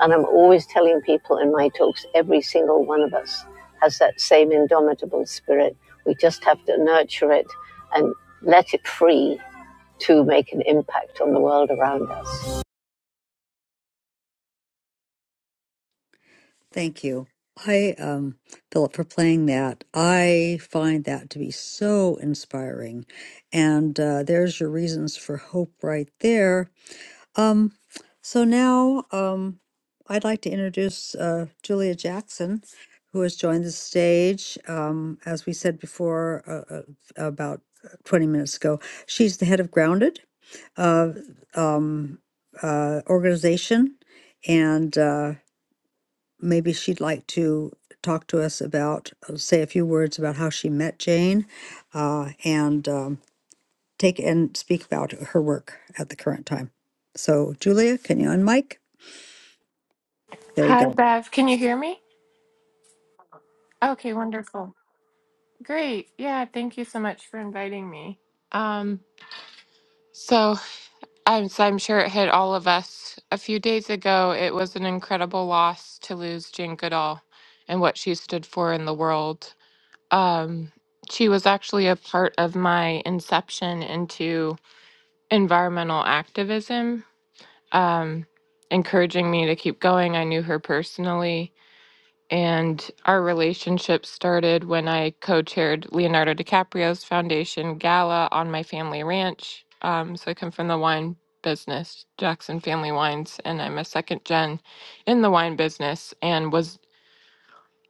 And I'm always telling people in my talks, every single one of us has that same indomitable spirit. We just have to nurture it and let it free to make an impact on the world around us.
Thank you. I, um, Philip, for playing that. I find that to be so inspiring. And uh, there's your reasons for hope right there. Um, so now um, I'd like to introduce uh, Julia Jackson, who has joined the stage. Um, as we said before, uh, uh, about 20 minutes ago, she's the head of Grounded uh, um, uh, organization. And uh, maybe she'd like to talk to us about, uh, say a few words about how she met Jane, uh, and um, take and speak about her work at the current time. So, Julia, can you unmic? There you
Hi,
go,
Bev. Can you hear me? Okay, wonderful. Great. Yeah, thank you so much for inviting me. Um, so I'm so I'm sure it hit all of us a few days ago. It was an incredible loss to lose Jane Goodall and what she stood for in the world. Um, she was actually a part of my inception into environmental activism, um, encouraging me to keep going. I knew her personally And our relationship started when I co chaired Leonardo DiCaprio's foundation gala on my family ranch. Um, so I come from the wine business, Jackson Family Wines, and I'm a second gen in the wine business and was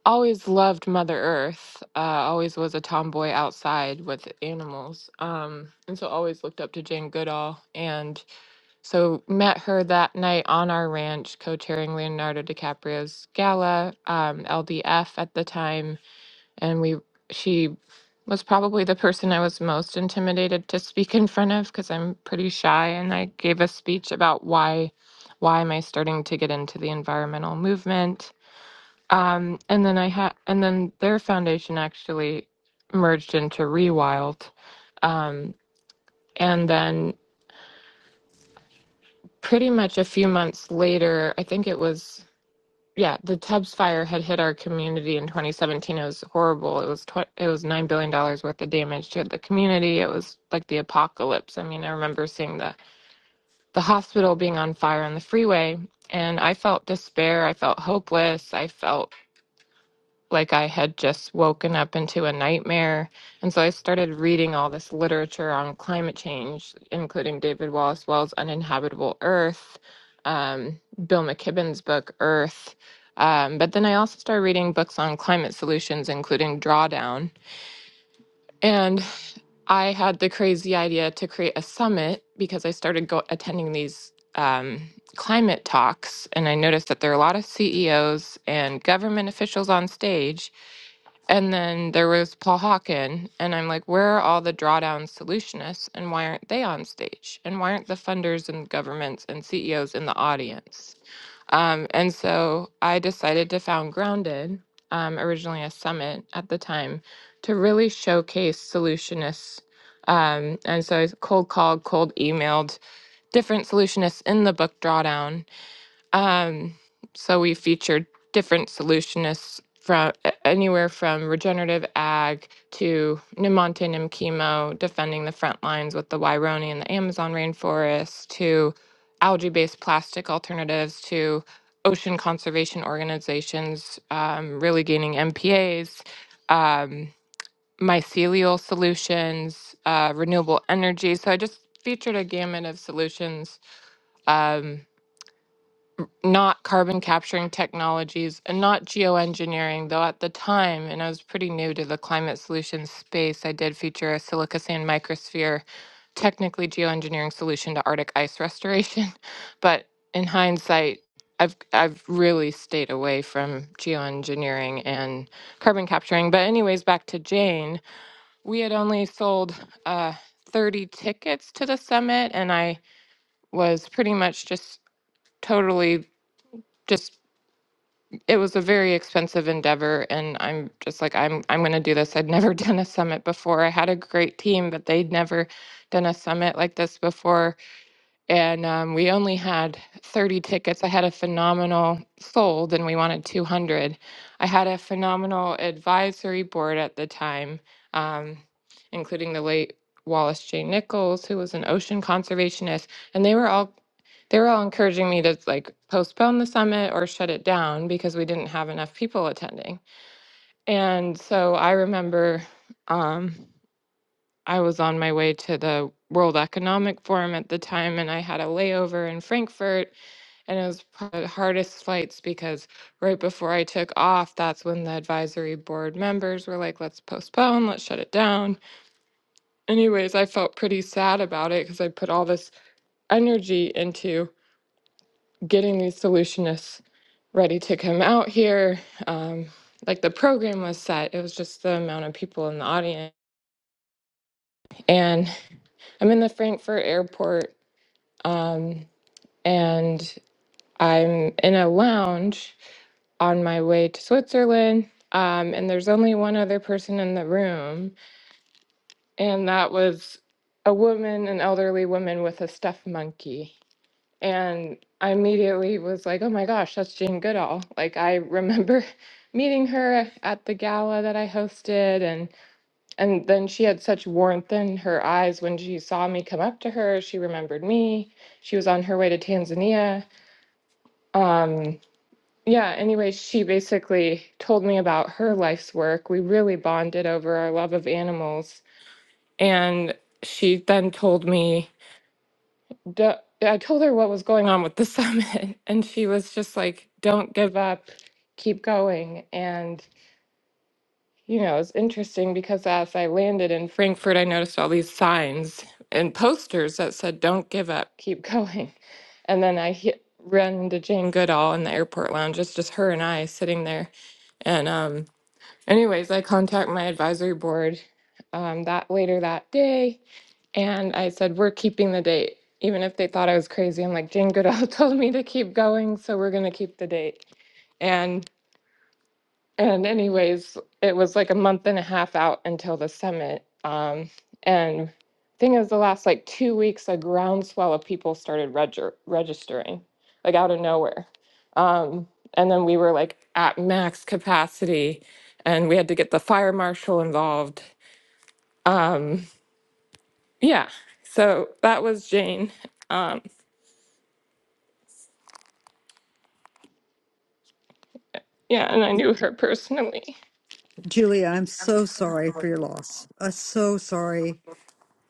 always loved Mother Earth, uh, always was a tomboy outside with animals. Um, and so always looked up to Jane Goodall. And so met her that night on our ranch, co-chairing Leonardo DiCaprio's gala, um, LDF at the time, and we she was probably the person I was most intimidated to speak in front of because I'm pretty shy, and I gave a speech about why why am I starting to get into the environmental movement, um, and then I had and then their foundation actually merged into Rewild, um, and then pretty much a few months later, I think it was yeah, the Tubbs fire had hit our community in 2017. It was horrible. It was tw- it was nine billion dollars worth of damage to the community. It was like the apocalypse. I mean, I remember seeing the the hospital being on fire on the freeway, and I felt despair. I felt hopeless. I felt like I had just woken up into a nightmare. And so I started reading all this literature on climate change, including David Wallace Wells' Uninhabitable Earth, um, Bill McKibben's book, Earth. Um, but then I also started reading books on climate solutions, including Drawdown. and. I had the crazy idea to create a summit because I started go- attending these um, climate talks, and I noticed that there are a lot of CEOs and government officials on stage. And then there was Paul Hawken, and I'm like, where are all the drawdown solutionists, and why aren't they on stage? And why aren't the funders and governments and CEOs in the audience? Um, and so I decided to found Grounded, um, originally a summit at the time, to really showcase solutionists. Um, and so I cold called, cold emailed different solutionists in the book drawdown um, so we featured different solutionists from anywhere from regenerative ag to Nimonte Chemo, defending the front lines with the Waironi and the Amazon rainforest, to algae-based plastic alternatives, to ocean conservation organizations, um, really gaining MPAs, um, mycelial solutions, uh, renewable energy. So I just featured a gamut of solutions um, not carbon capturing technologies and not geoengineering, though at the time, and I was pretty new to the climate solutions space, I did feature a silica sand microsphere, technically geoengineering solution to Arctic ice restoration. (laughs) But in hindsight, I've I've really stayed away from geoengineering and carbon capturing. But anyways, back to Jane. We had only sold uh, 30 tickets to the summit, and I was pretty much just totally just it was a very expensive endeavor and i'm just like i'm i'm going to do this i'd never (laughs) done a summit before i had a great team but they'd never done a summit like this before and um, we only had 30 tickets. I had a phenomenal sold, and we wanted 200. I had a phenomenal advisory board at the time, um, including the late Wallace J. Nichols, who was an ocean conservationist, and they were all they were all encouraging me to like postpone the summit or shut it down because we didn't have enough people attending. And so I remember. Um, I was on my way to the World Economic Forum at the time, and I had a layover in Frankfurt. And it was probably the hardest flights because right before I took off, that's when the advisory board members were like, let's postpone, let's shut it down. Anyways, I felt pretty sad about it because I put all this energy into getting these solutionists ready to come out here. Um, like the program was set, it was just the amount of people in the audience. And I'm in the Frankfurt airport. Um, and I'm in a lounge on my way to Switzerland. Um, and there's only one other person in the room, and that was a woman, an elderly woman with a stuffed monkey. And I immediately was like, oh my gosh, that's Jane Goodall. Like, I remember (laughs) meeting her at the gala that I hosted and and then she had such warmth in her eyes when she saw me come up to her. She remembered me. She was on her way to Tanzania. Um, yeah, anyway, she basically told me about her life's work. We really bonded over our love of animals. And she then told me, d- I told her what was going on with the (laughs) summit. And she was just like, don't give up, keep going. And, you know, it's interesting because as I landed in Frankfurt, I noticed all these signs and posters that said, don't give up, keep (laughs) going. And then I hit, ran into Jane Goodall in the airport lounge. It's just her and I sitting there. And um, Anyways, I contact my advisory board um, that later that day, and I said we're keeping the date, even if they thought I was crazy. I'm like Jane Goodall (laughs) told me to keep going, so we're gonna keep the date. And and anyways, it was like a month and a half out until the summit. Um, and thing is, the last like two weeks, a groundswell of people started reger- registering, like out of nowhere. Um, and then we were like at max capacity, and we had to get the fire marshal involved. Um, yeah, so that was Jane. Um, yeah, and I knew her personally.
Julia. I'm so sorry for your loss. Uh, so sorry.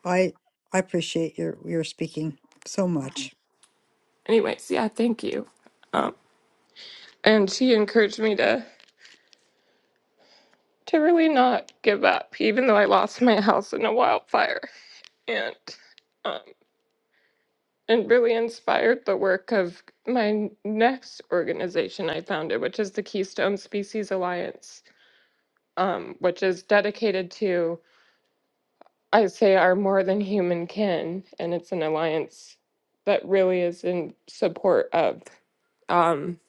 I I appreciate your your speaking so much.
Anyways, yeah, thank you. Um, and she encouraged me to. to really not give up, even though I lost my house in a wildfire, and um, and really inspired the work of my next organization I founded, which is the Keystone Species Alliance, um, which is dedicated to I say our more than human kin, and it's an alliance that really is in support of. Um,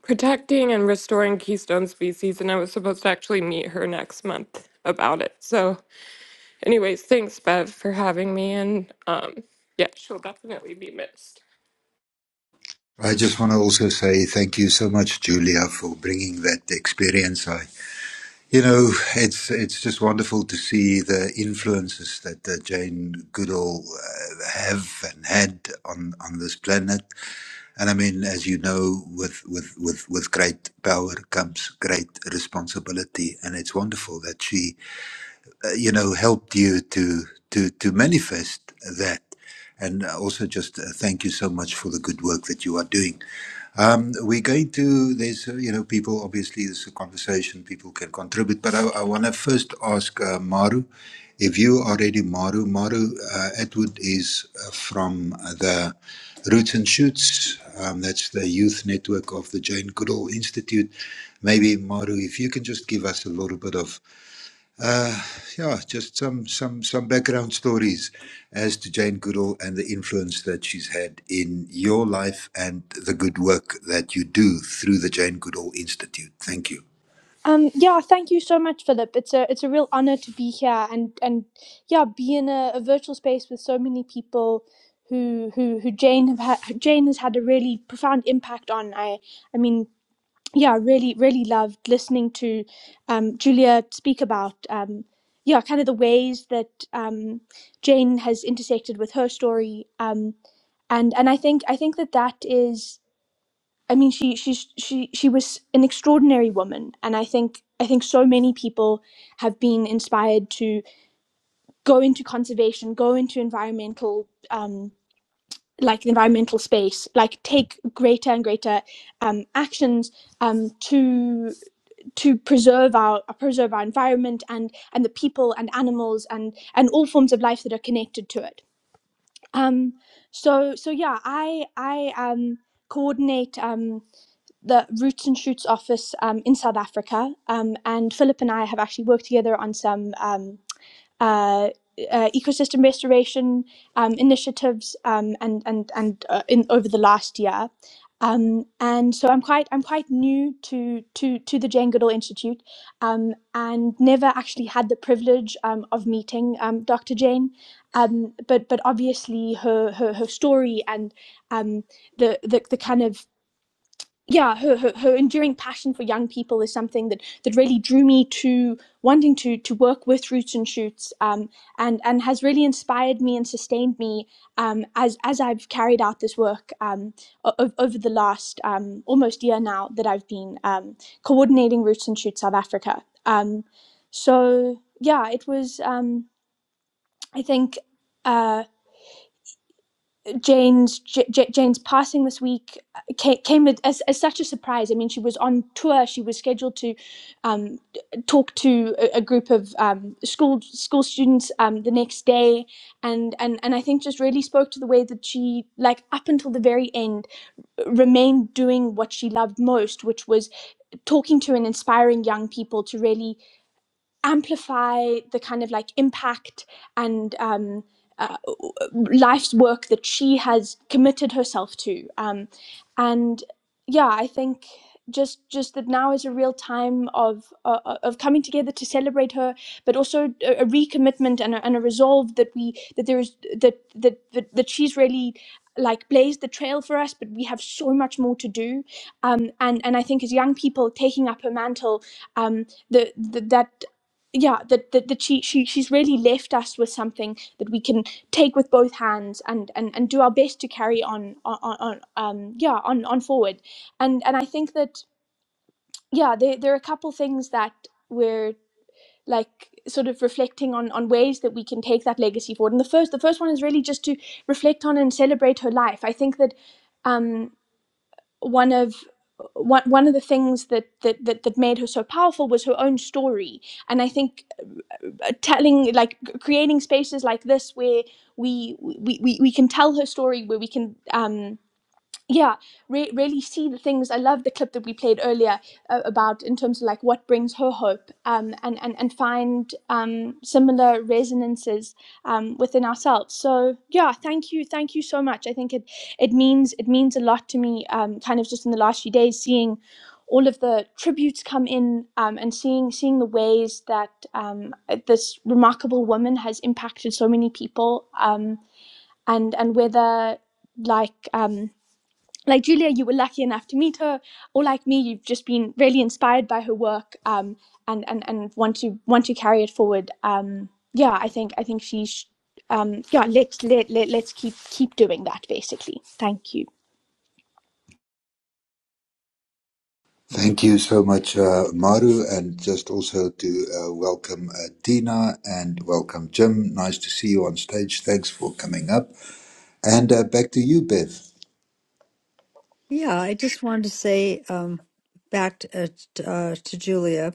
Protecting and restoring keystone species, and I was supposed to actually meet her next month about it. So, Anyways, thanks, Bev, for having me. And um, yeah, she'll definitely be missed.
I just want to also say thank you so much, Julia, for bringing that experience. I, you know, it's it's just wonderful to see the influences that uh, Jane Goodall uh, have and had on on this planet. And I mean, as you know, with with with with great power comes great responsibility, and it's wonderful that she, uh, you know, helped you to to to manifest that. And uh, also, just uh, thank you so much for the good work that you are doing. Um, we're going to, there's, uh, you know, people, obviously, this is a conversation, people can contribute, but I, I want to first ask uh, Maru, if you are ready, Maru. Maru uh, Atwood is uh, from uh, the Roots and Shoots, um, that's the youth network of the Jane Goodall Institute. Maybe, Maru, if you can just give us a little bit of yeah, just some some some background stories as to Jane Goodall and the influence that she's had in your life and the good work that you do through the Jane Goodall Institute. Thank you.
Um, yeah, thank you so much, Philip. It's a it's a real honor to be here and and yeah, be in a, a virtual space with so many people who who who Jane have ha- Jane has had a really profound impact on. I I mean, yeah, I really really loved listening to um, Julia speak about um, yeah, kind of the ways that um, Jane has intersected with her story. Um, and and I think I think that that is. I mean, she she she she was an extraordinary woman, and I think I think so many people have been inspired to go into conservation, go into environmental um, like the environmental space, like take greater and greater um, actions um, to to preserve our preserve our environment and and the people and animals and and all forms of life that are connected to it. Um, so so yeah, I I um, coordinate. Um, the Roots and Shoots office um, in South Africa. Um, and Philip and I have actually worked together on some um, uh, uh, ecosystem restoration um, initiatives um, and and and uh, in over the last year. Um, and so I'm quite I'm quite new to to to the Jane Goodall Institute, um, and never actually had the privilege um, of meeting um, Dr. Jane, um, but but obviously her her, her story and um, the, the the kind of yeah her, her her enduring passion for young people is something that that really drew me to wanting to to work with roots and shoots um and and has really inspired me and sustained me um as as I've carried out this work um o- over the last um almost year now that I've been um coordinating roots and shoots South Africa um so yeah it was um I think uh. Jane's J- J- Jane's passing this week came, came as, as such a surprise. I mean, she was on tour. She was scheduled to um, talk to a, a group of um, school school students um, the next day, and, and and I think just really spoke to the way that she, like up until the very end, remained doing what she loved most, which was talking to and inspiring young people to really amplify the kind of like impact and um, uh, life's work that she has committed herself to. Um, and yeah, I think just just that now is a real time of uh, uh, of coming together to celebrate her, but also a, a recommitment and a, and a resolve that we that there is that that that, that she's really like blazed the trail for us but we have so much more to do um, and and i think as young people taking up her mantle um, the, the that yeah that that, that she, she she's really left us with something that we can take with both hands and and, and do our best to carry on on, on um yeah on on forward and and i think that yeah there, there are a couple things that we're like sort of reflecting on on ways that we can take that legacy forward and the first the first one is really just to reflect on and celebrate her life i think that um one of one, one of the things that, that that that made her so powerful was her own story and i think uh, telling like creating spaces like this where we we, we we can tell her story where we can um yeah re- really see the things i love the clip that we played earlier uh, about in terms of like what brings her hope um, and, and and find um, similar resonances um, within ourselves so yeah thank you thank you so much i think it it means it means a lot to me um, kind of just in the last few days seeing all of the tributes come in um, and seeing seeing the ways that um, this remarkable woman has impacted so many people um, and and whether like um, like Julia, you were lucky enough to meet her, or like me, you've just been really inspired by her work um, and and and want to want to carry it forward. Um, yeah, I think I think she's um, yeah. Let's let, let let's keep keep doing that. Basically, thank you.
Thank you so much, uh, Maru, and just also to uh, welcome uh, Dina and welcome Jim. Nice to see you on stage. Thanks for coming up. And uh, back to you, Bev.
Yeah, I just wanted to say um, back to, uh, t- uh, to Julia.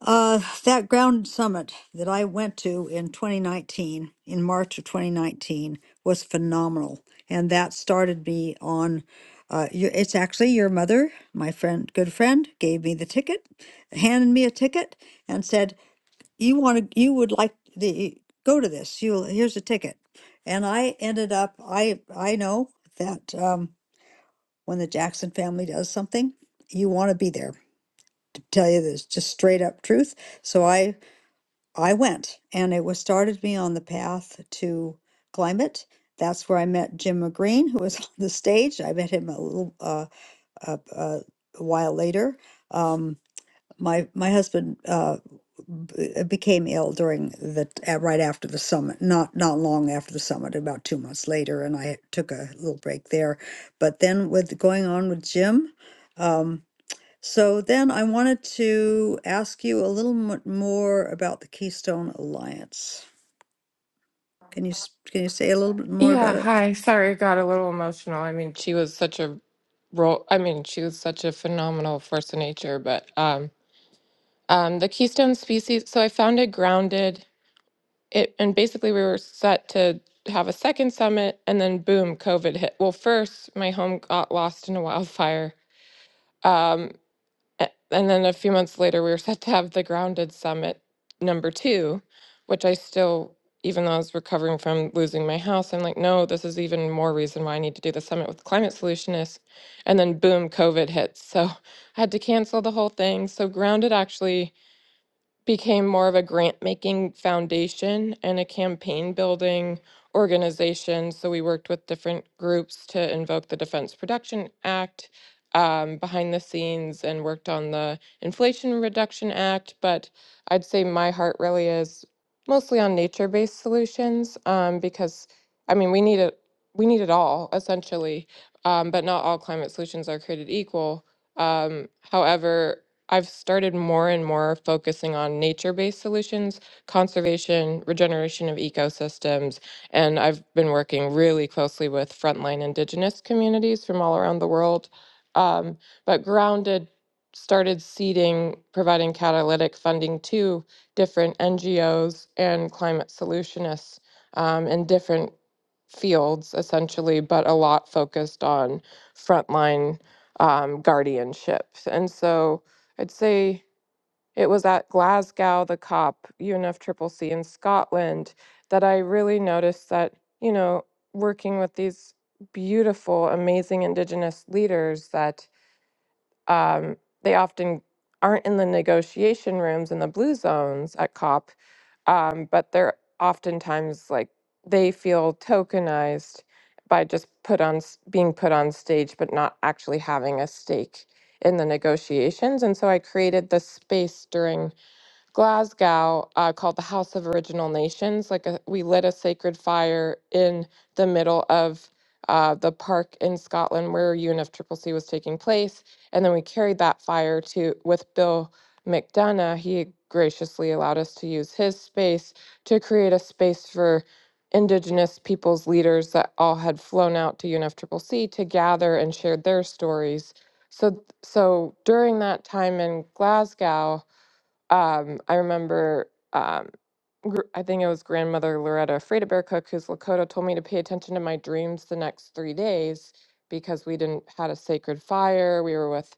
Uh, that ground summit that I went to in 2019, in March of 2019, was phenomenal. And that started me on, uh, you- it's actually your mother, my friend, good friend, gave me the ticket, handed me a ticket, and said, "You want to, you would like the go to this. You here's a ticket." And I ended up, I I know that um, when the Jackson family does something, you want to be there. To tell you this, just straight up truth. So I I went, and it was started me on the path to climate. That's where I met Jim McGreen, who was (laughs) on the stage. I met him a little uh, uh, uh, a while later. Um, my my husband uh, b- uh, became ill during the uh, right after the summit, not not long after the summit, about two months later, and I took a little break there. But then with going on with Jim. um, so then I wanted to ask you a little mo- more about the Keystone Alliance. Can you s- can you say a little bit more
Yeah,
about it?
hi. Sorry, I got a little emotional. I mean, she was such a role. I mean, she was such a phenomenal force of nature. But um, um, the Keystone species. So I founded Grounded. It and basically we were set to have a second summit, and then boom, COVID hit. Well, first my home got lost in a wildfire. Um, A- And then a few months later, we were set to have the Grounded Summit number two, which I still, even though I was recovering from losing my house, I'm like, no, this is even more reason why I need to do the summit with climate solutionists. And then boom, COVID hits. So (laughs) I had to cancel the whole thing. So Grounded actually became more of a grant making foundation and a campaign building organization. So we worked with different groups to invoke the Defense Production Act um, behind the scenes and worked on the Inflation Reduction Act. But I'd say my heart really is mostly on nature based solutions um, because, I mean, we need it. We need it all, essentially, um, but not all climate solutions are created equal. Um, however, I've started more and more focusing on nature based solutions, conservation, regeneration of ecosystems, and I've been working really closely with frontline indigenous communities from all around the world. Um, but Grounded started seeding, providing catalytic funding to different NGOs and climate solutionists um, in different fields, essentially, but a lot focused on frontline um, guardianship. And so I'd say it was at Glasgow, the COP, UNFCCC in Scotland, that I really noticed that, you know, working with these beautiful, amazing Indigenous leaders, that um, they often aren't in the negotiation rooms in the blue zones at COP, um, but they're oftentimes like they feel tokenized by just put on s- being put on stage, but not actually having a stake in the negotiations. And so I created this space during Glasgow uh, called the House of Original Nations. Like a, we lit a sacred fire in the middle of uh, the park in Scotland where UNFCCC was taking place, and then we carried that fire to with Bill McDonough. He graciously allowed us to use his space to create a space for Indigenous peoples leaders that all had flown out to UNFCCC to gather and share their stories. So, so during that time in Glasgow, um, I remember, um, gr- I think it was grandmother Loretta Freda Bear Cook, who's Lakota, told me to pay attention to my dreams the next three days because we didn't had a sacred fire. We were with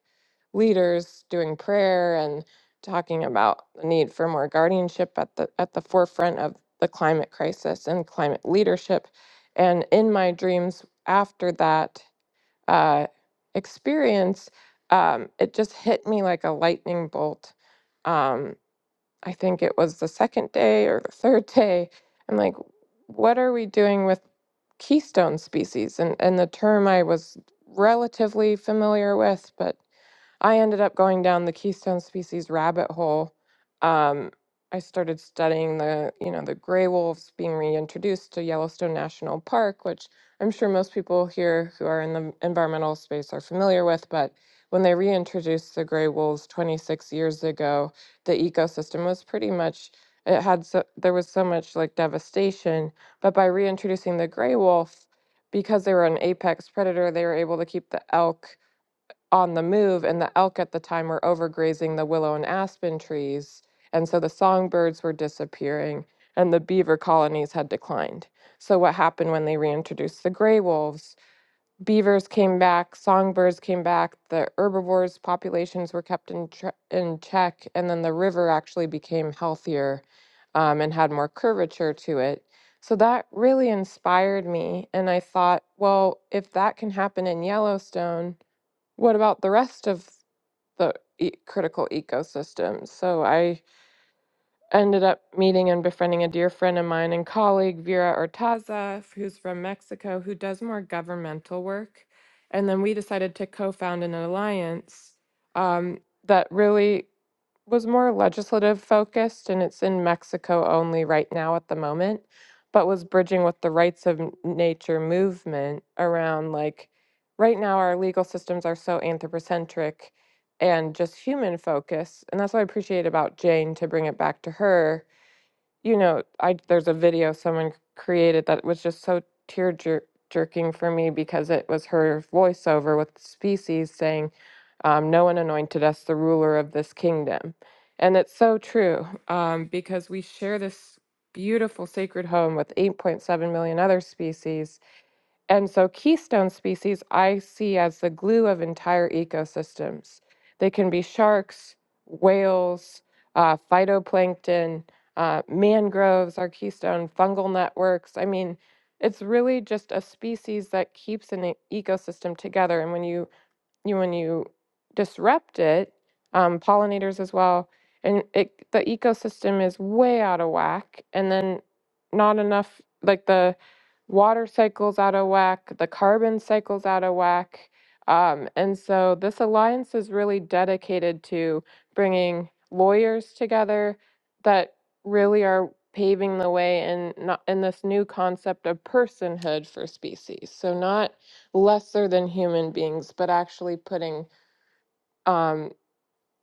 leaders doing prayer and talking about the need for more guardianship at the at the forefront of the climate crisis and climate leadership. And in my dreams after that uh, experience, um, it just hit me like a lightning bolt Um, I think it was the second day or the third day. I'm like, what are we doing with keystone species? And and the term I was relatively familiar with, but I ended up going down the keystone species rabbit hole. Um, I started studying the, you know, the gray wolves being reintroduced to Yellowstone National Park, which I'm sure most people here who are in the environmental space are familiar with. But when they reintroduced the gray wolves 26 years ago, the ecosystem was pretty much it had so there was so much like devastation. But by reintroducing the gray wolf, because they were an apex predator, they were able to keep the elk on the move, and the elk at the time were overgrazing the willow and aspen trees. And so the songbirds were disappearing, and the beaver colonies had declined. So, what happened when they reintroduced the gray wolves? Beavers came back, songbirds came back, the herbivores' populations were kept in, tre- in check, and then the river actually became healthier um, and had more curvature to it. So that really inspired me. And I thought, well, if that can happen in Yellowstone, what about the rest of the e- critical ecosystem? So I ended up meeting and befriending a dear friend of mine and colleague, Vera Ortaza, who's from Mexico, who does more governmental work. And then we decided to co found an alliance um, that really was more legislative focused and it's in Mexico only right now at the moment, but was bridging with the rights of n- nature movement around like right now our legal systems are so anthropocentric and just human focused. And that's what I appreciate about Jane to bring it back to her you know, I there's a video someone created that was just so tear jer- jerking for me because it was her voiceover with Species saying, um, "No one anointed us the ruler of this kingdom," and it's so true um, because we share this beautiful sacred home with 8.7 million other species and so keystone species I see as the glue of entire ecosystems. They can be sharks, whales, uh, phytoplankton, uh, mangroves are keystone, fungal networks. I mean, it's really just a species that keeps an e- ecosystem together. And when you you when you disrupt it, um, pollinators as well, and it the ecosystem is way out of whack, and then not enough like the water cycles out of whack, the carbon cycles out of whack, um, and so this alliance is really dedicated to bringing lawyers together that really are paving the way in not in this new concept of personhood for species. So not lesser than human beings, but actually putting um,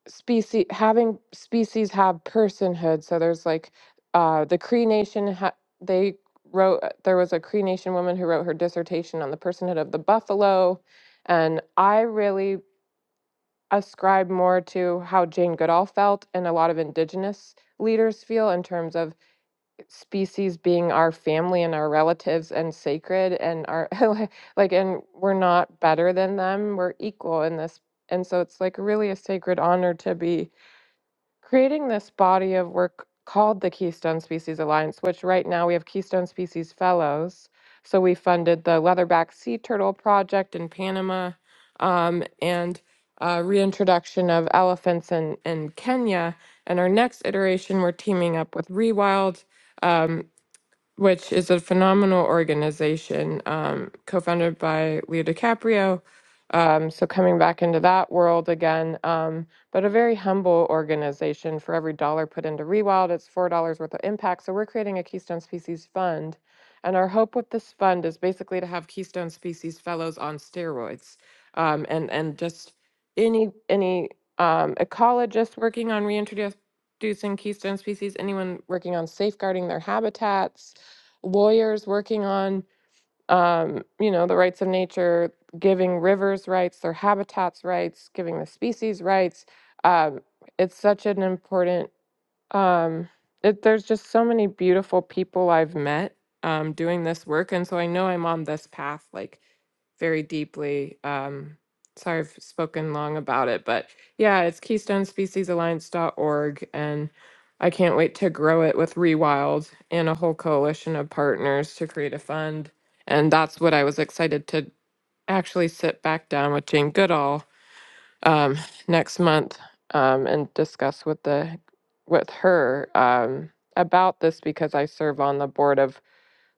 species, having species have personhood. So there's like uh, the Cree Nation, ha- they wrote, there was a Cree Nation woman who wrote her dissertation on the personhood of the buffalo. And I really ascribe more to how Jane Goodall felt and a lot of indigenous leaders feel in terms of species being our family and our relatives and sacred and our (laughs) like like, and we're not better than them we're equal in this and so it's like really a sacred honor to be creating this body of work called the keystone species alliance which right now we have keystone species fellows so we funded the leatherback sea turtle project in panama um, and uh, reintroduction of elephants in, in kenya and our next iteration we're teaming up with rewild um, which is a phenomenal organization um, co-founded by Leo DiCaprio. Um, so coming back into that world again, um, but a very humble organization. For every dollar put into Rewild, it's four dollars worth of impact. So we're creating a Keystone Species Fund, and our hope with this fund is basically to have Keystone Species Fellows on steroids, um, and and just any any um, ecologist working on reintroducing Keystone species, anyone working on safeguarding their habitats lawyers working on um, you know the rights of nature giving rivers rights their habitats rights giving the species rights um, it's such an important um it, there's just so many beautiful people I've met um doing this work and so I know I'm on this path like very deeply um sorry I've spoken long about it but yeah it's keystonespeeciesalliance.org and I can't wait to grow it with Rewild and a whole coalition of partners to create a fund and that's what I was excited to actually sit back down with Jane Goodall um, next month um, and discuss with the with her um, about this because I serve on the board of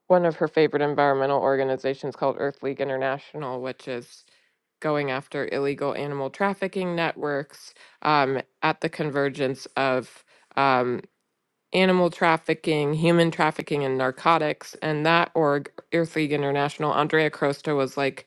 one of her favorite environmental organizations called Earth League International, which is going after illegal animal trafficking networks um, at the convergence of um, animal trafficking, human trafficking, and narcotics. And that org, Earth League International, Andrea Crosta was like,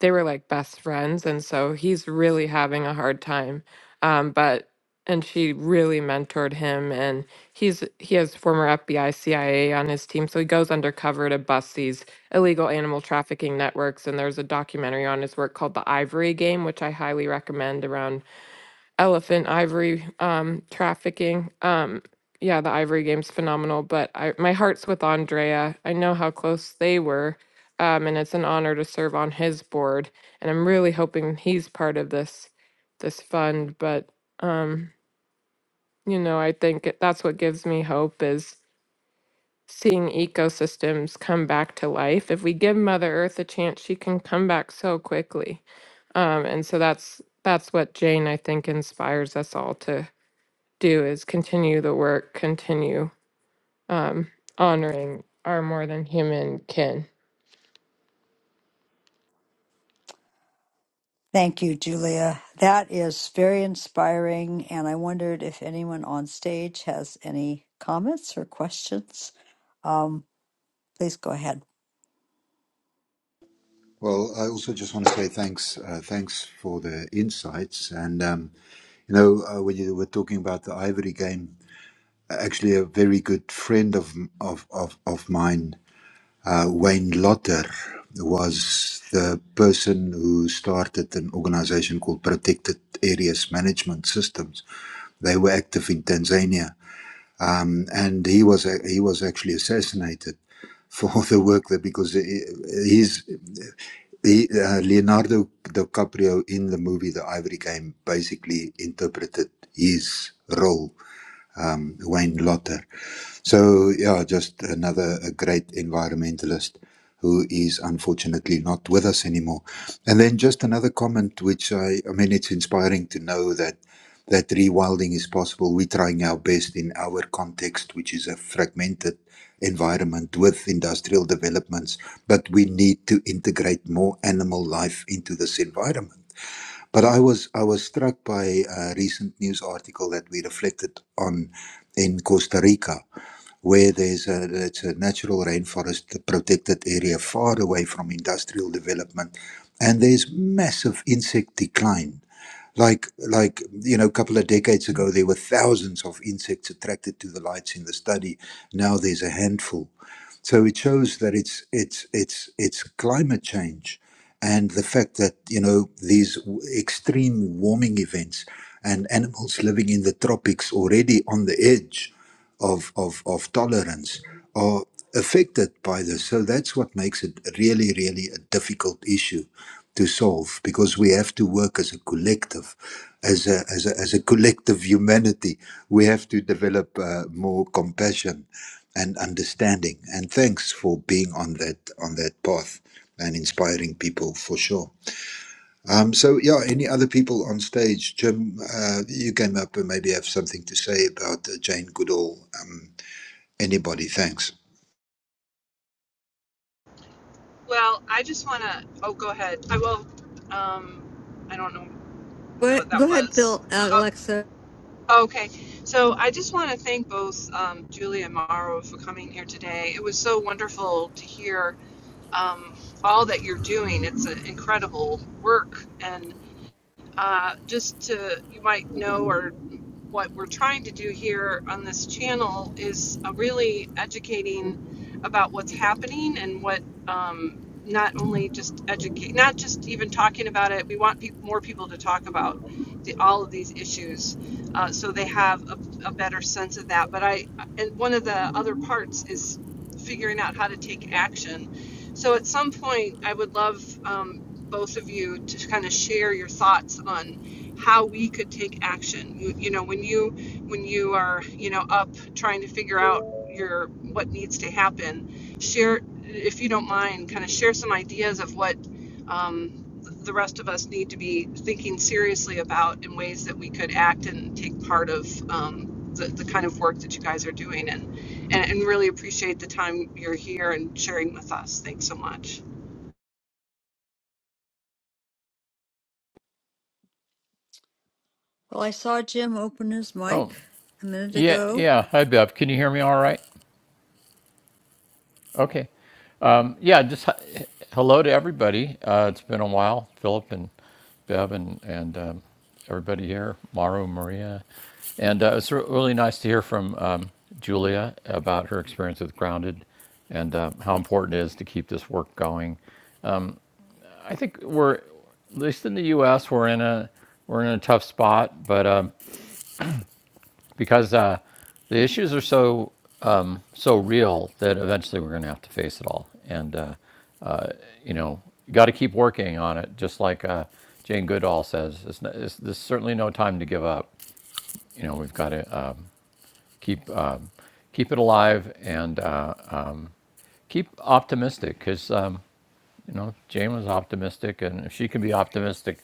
they were like best friends. And so he's really having a hard time. Um, but, and she really mentored him. And he's, he has former FBI, CIA on his team. So he goes undercover to bust these illegal animal trafficking networks. And there's a documentary on his work called The Ivory Game, which I highly recommend around elephant ivory um trafficking um yeah the ivory game's phenomenal but i my heart's with andrea i know how close they were um and it's an honor to serve on his board and i'm really hoping he's part of this this fund but um you know i think it- that's what gives me hope is seeing ecosystems come back to life if we give mother earth a chance she can come back so quickly um and so that's that's what jane i think inspires us all to do is continue the work, continue um, honoring our more than human kin.
Thank you, Julia. That is very inspiring, and I wondered if anyone on stage has any comments or questions. Um, please go ahead.
Well, I also just want to say thanks. Uh, thanks for the insights. And, um, you know, uh, when you were talking about the Ivory game, actually, a very good friend of, of, of, of mine, uh, Wayne Lotter, was the person who started an organization called Protected Areas Management Systems. They were active in Tanzania. Um, and he was, a, he was actually assassinated for (laughs) the work there because his he, uh, Leonardo DiCaprio in the movie The Ivory Game basically interpreted his role, um, Wayne Lotter. So, yeah, just another a great environmentalist who is unfortunately not with us anymore. And then just another comment, which I, I mean, it's inspiring to know that that rewilding is possible. We're trying our best in our context, which is a fragmented environment with industrial developments, but we need to integrate more animal life into this environment. But I was I was struck by a recent news article that we reflected on in Costa Rica, where there's a it's a natural rainforest, a protected area far away from industrial development, and there's massive insect decline. Like like you know, a couple of decades ago, there were thousands of insects attracted to the lights in the study. Now there's a handful. So it shows that it's it's it's it's climate change, and the fact that you know these w- extreme warming events and animals living in the tropics already on the edge of of, of tolerance are affected by this. So that's what makes it really really a difficult issue to solve because we have to work as a collective, as a as a, as a collective humanity. We have to develop uh, more compassion and understanding. And thanks for being on that on that path and inspiring people for sure. Um, so yeah, any other people on stage? Jim, uh, you came up and maybe have something to say about uh, Jane Goodall. Um, anybody? Thanks.
Well, I just want to. Oh, go ahead. I will. Um, I don't know
Go
who
ahead,
what
go
that
ahead,
was.
Bill, uh, Alexa.
Okay, so I just want to thank both um, Julie and Mauro for coming here today. It was so wonderful to hear um, all that you're doing. It's an incredible work, and uh, just to you might know or what we're trying to do here on this channel is uh, really educating about what's happening and what um, not only just educate, not just even talking about it. We want peop more people to talk about the, all of these issues, uh, so they have a, a better sense of that. But I, and one of the other parts is figuring out how to take action. So at some point, I would love um, both of you to kind of share your thoughts on how we could take action. You, you know, when you when you are you know up trying to figure out your what needs to happen, share if you don't mind, kind of share some ideas of what um, the rest of us need to be thinking seriously about in ways that we could act and take part of um, the, the kind of work that you guys are doing and, and and really appreciate the time you're here and sharing with us. Thanks so much.
Well, I saw Jim open his mic a minute
Yeah,
ago.
yeah. Hi, Bev. Can you hear me all right? Okay. Um, yeah, just hi- hello to everybody. Uh, it's been a while, Philip and Bev and, and um, everybody here, Maru, Maria. And uh, it's re- really nice to hear from um, Julia about her experience with Grounded and uh, how important it is to keep this work going. I think we're, at least in the U.S., we're in a, we're in a tough spot, but um, because uh, the issues are so so real that eventually we're going to have to face it all. And uh, you know, you got to keep working on it. Just like uh, Jane Goodall says, it's, not, it's, there's certainly no time to give up. You know, we've got to um, keep um, keep it alive and uh, keep optimistic because um, you know Jane was optimistic, and if she can be optimistic,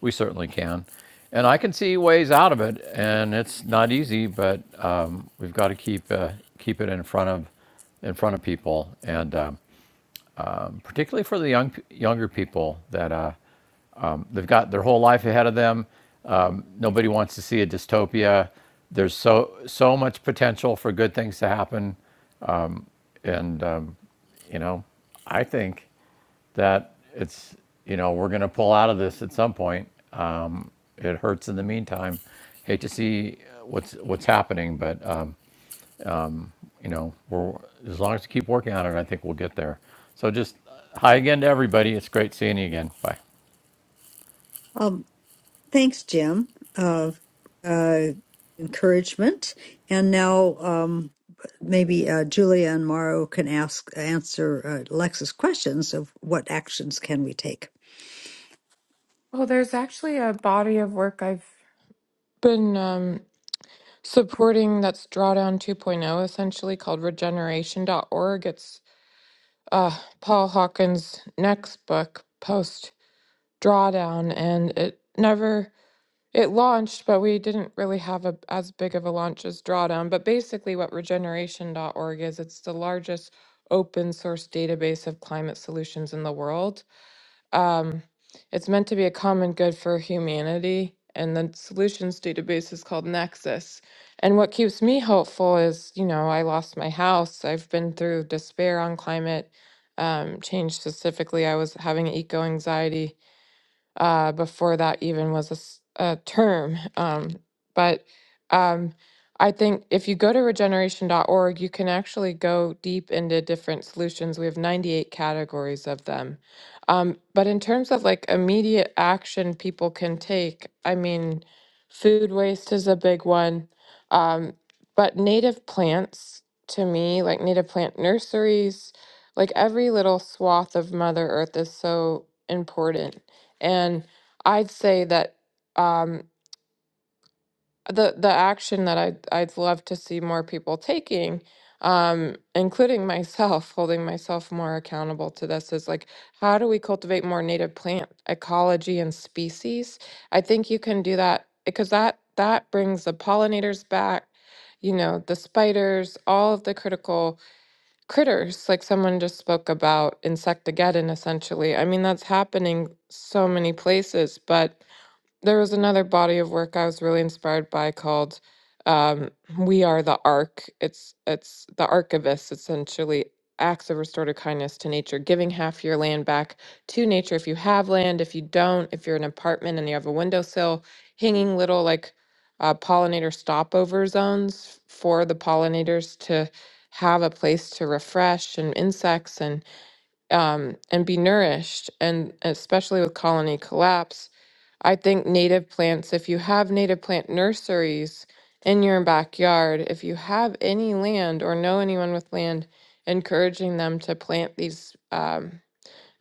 we certainly can. And I can see ways out of it, and it's not easy, but um, we've got to keep uh, keep it in front of in front of people and um, particularly for the young younger people that uh, they've got their whole life ahead of them. Um, nobody wants to see a dystopia. There's so so much potential for good things to happen, and um, you know, I think that it's you know we're going to pull out of this at some point. It hurts in the meantime. Hate to see what's what's happening, but um, you know, we're as long as we keep working on it, I think we'll get there. So just uh, hi again to everybody. It's great seeing you again. Bye.
Um. Thanks, Jim, of uh, encouragement. And now um, maybe uh, Julia and Mauro can ask answer uh, Lex's questions of what actions can we take.
Well, there's actually a body of work I've been um, supporting that's Drawdown 2.0 essentially called regeneration.org. It's uh, Paul Hawkins' next book, Post Drawdown, and it never. It launched, but we didn't really have a, as big of a launch as Drawdown. But basically, what regeneration.org is, it's the largest open source database of climate solutions in the world. Um, it's meant to be a common good for humanity, and the solutions database is called Nexus. And what keeps me hopeful is, you know, I lost my house. I've been through despair on climate um, change specifically. I was having eco anxiety uh, before that even was a, s- a term. Um, but um, I think if you go to regeneration dot org, you can actually go deep into different solutions. We have 98 categories of them. Um, but in terms of like immediate action people can take, I mean, food waste is a big one. Um, but native plants to me, like native plant nurseries, like every little swath of Mother Earth is so important and I'd say that um, the the action that I'd I'd love to see more people taking, um, including (laughs) myself, holding myself more accountable to this is like, how do we cultivate more native plant ecology and species? I think you can do that because that that brings the pollinators back. You know, the spiders, all of the critical critters, like someone just spoke about insectageddon, essentially. I mean, that's happening so many places, but there was another body of work I was really inspired by called um, "We Are the Ark." It's it's the archivists essentially acts of restorative kindness to nature, giving half your land back to nature if you have land. If you don't, if you're in an apartment and you have a windowsill, hanging little like uh, pollinator stopover zones for the pollinators to have a place to refresh and insects and um, and be nourished, and especially with colony collapse I think native plants, if you have native plant nurseries in your backyard, if you have any land or know anyone with land, encouraging them to plant these um,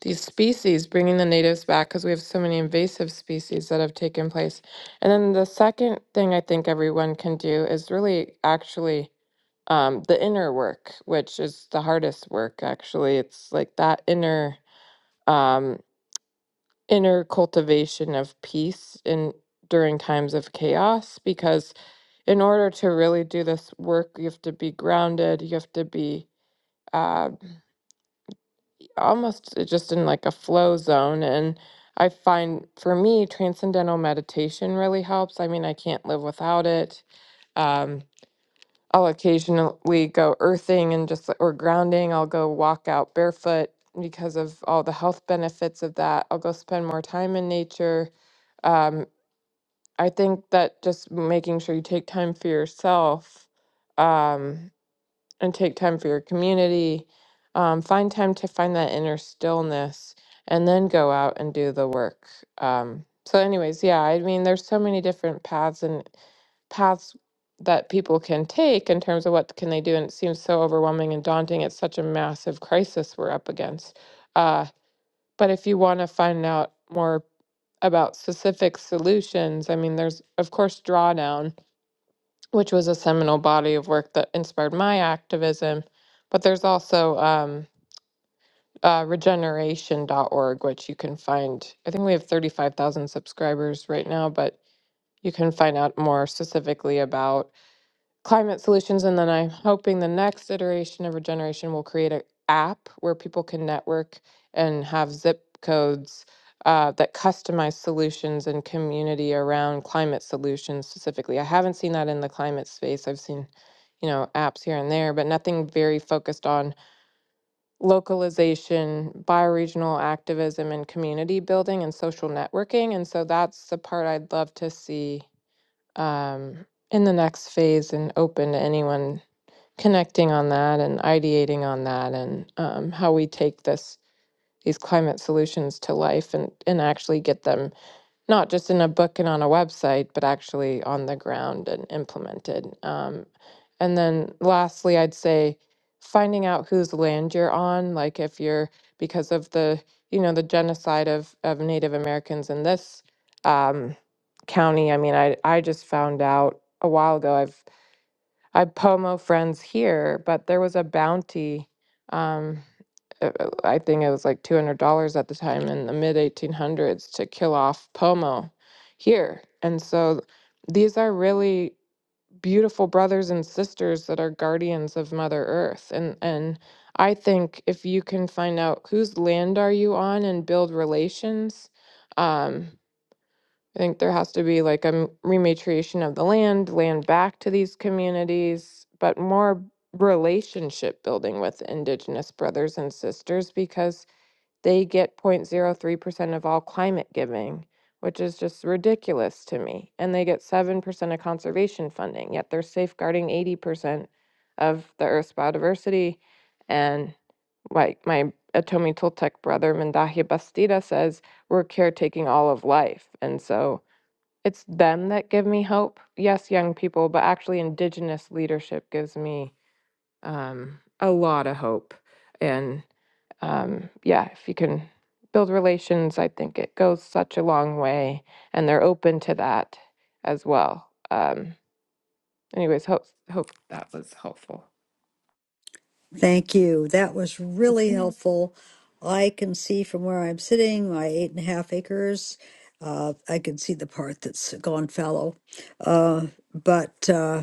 these species, bringing the natives back because we have so many invasive species that have taken place. And then the second thing I think everyone can do is really actually um, the inner work, which is the hardest work. Actually, it's like that inner. um, inner cultivation of peace in during times of chaos because in order to really do this work you have to be grounded you have to be uh, almost uh, just in like a flow zone and i find for me transcendental meditation really helps i mean i can't live without it um, i'll occasionally go earthing and just or grounding i'll go walk out barefoot because of all the health benefits of that i'll go spend more time in nature Um, I think that just making sure you take time for yourself um, and take time for your community, um, find time to find that inner stillness, and then go out and do the work. Um, so, anyways, yeah, I mean, there's so many different paths and paths that people can take in terms of what can they do, and it seems so overwhelming and daunting. It's such a massive crisis we're up against. Uh, but if you want to find out more about specific solutions, I mean, there's, of course, Drawdown, which was a seminal body of work that inspired my activism. But there's also um, uh, regeneration.org, which you can find. I think we have 35,000 subscribers right now, but you can find out more specifically about climate solutions and then i'm hoping the next iteration of regeneration will create an app where people can network and have zip codes uh, that customize solutions and community around climate solutions specifically i haven't seen that in the climate space i've seen you know apps here and there but nothing very focused on localization bioregional activism and community building and social networking and so that's the part i'd love to see um, in the next phase and open to anyone connecting on that and ideating on that and um, how we take this these climate solutions to life and and actually get them not just in a book and on a website but actually on the ground and implemented um, and then lastly i'd say finding out whose land you're on like if you're because of the you know the genocide of of native americans in this um, county i mean i i just found out a while ago I've I Pomo friends here, but there was a bounty. Um, uh, uh, I think it was like two hundred dollars at the time in the mid eighteen hundreds to kill off Pomo here, and so these are really beautiful brothers and sisters that are guardians of Mother Earth, and and I think if you can find out whose land are you on and build relations. Um, I think there has to be like a m- rematriation of the land, land back to these communities, but more relationship building with Indigenous brothers and sisters because they get 0.03% of all climate giving, which is just ridiculous to me. And they get 7% of conservation funding, yet they're safeguarding 80% of the Earth's biodiversity. And like my Atomi Toltec brother, Mendahi Bastida, says, we're caretaking all of life. And so it's them that give me hope. Yes, young people, but actually, Indigenous leadership gives me um, a lot of hope. And um, yeah, if you can build relations, I think it goes such a long way. And they're open to that as well. Um, Anyways, hope hope that was helpful.
Thank you. That was really helpful. I can see from where I'm sitting, my eight and a half acres. Uh, I can see the part that's gone fallow, uh, but. Uh,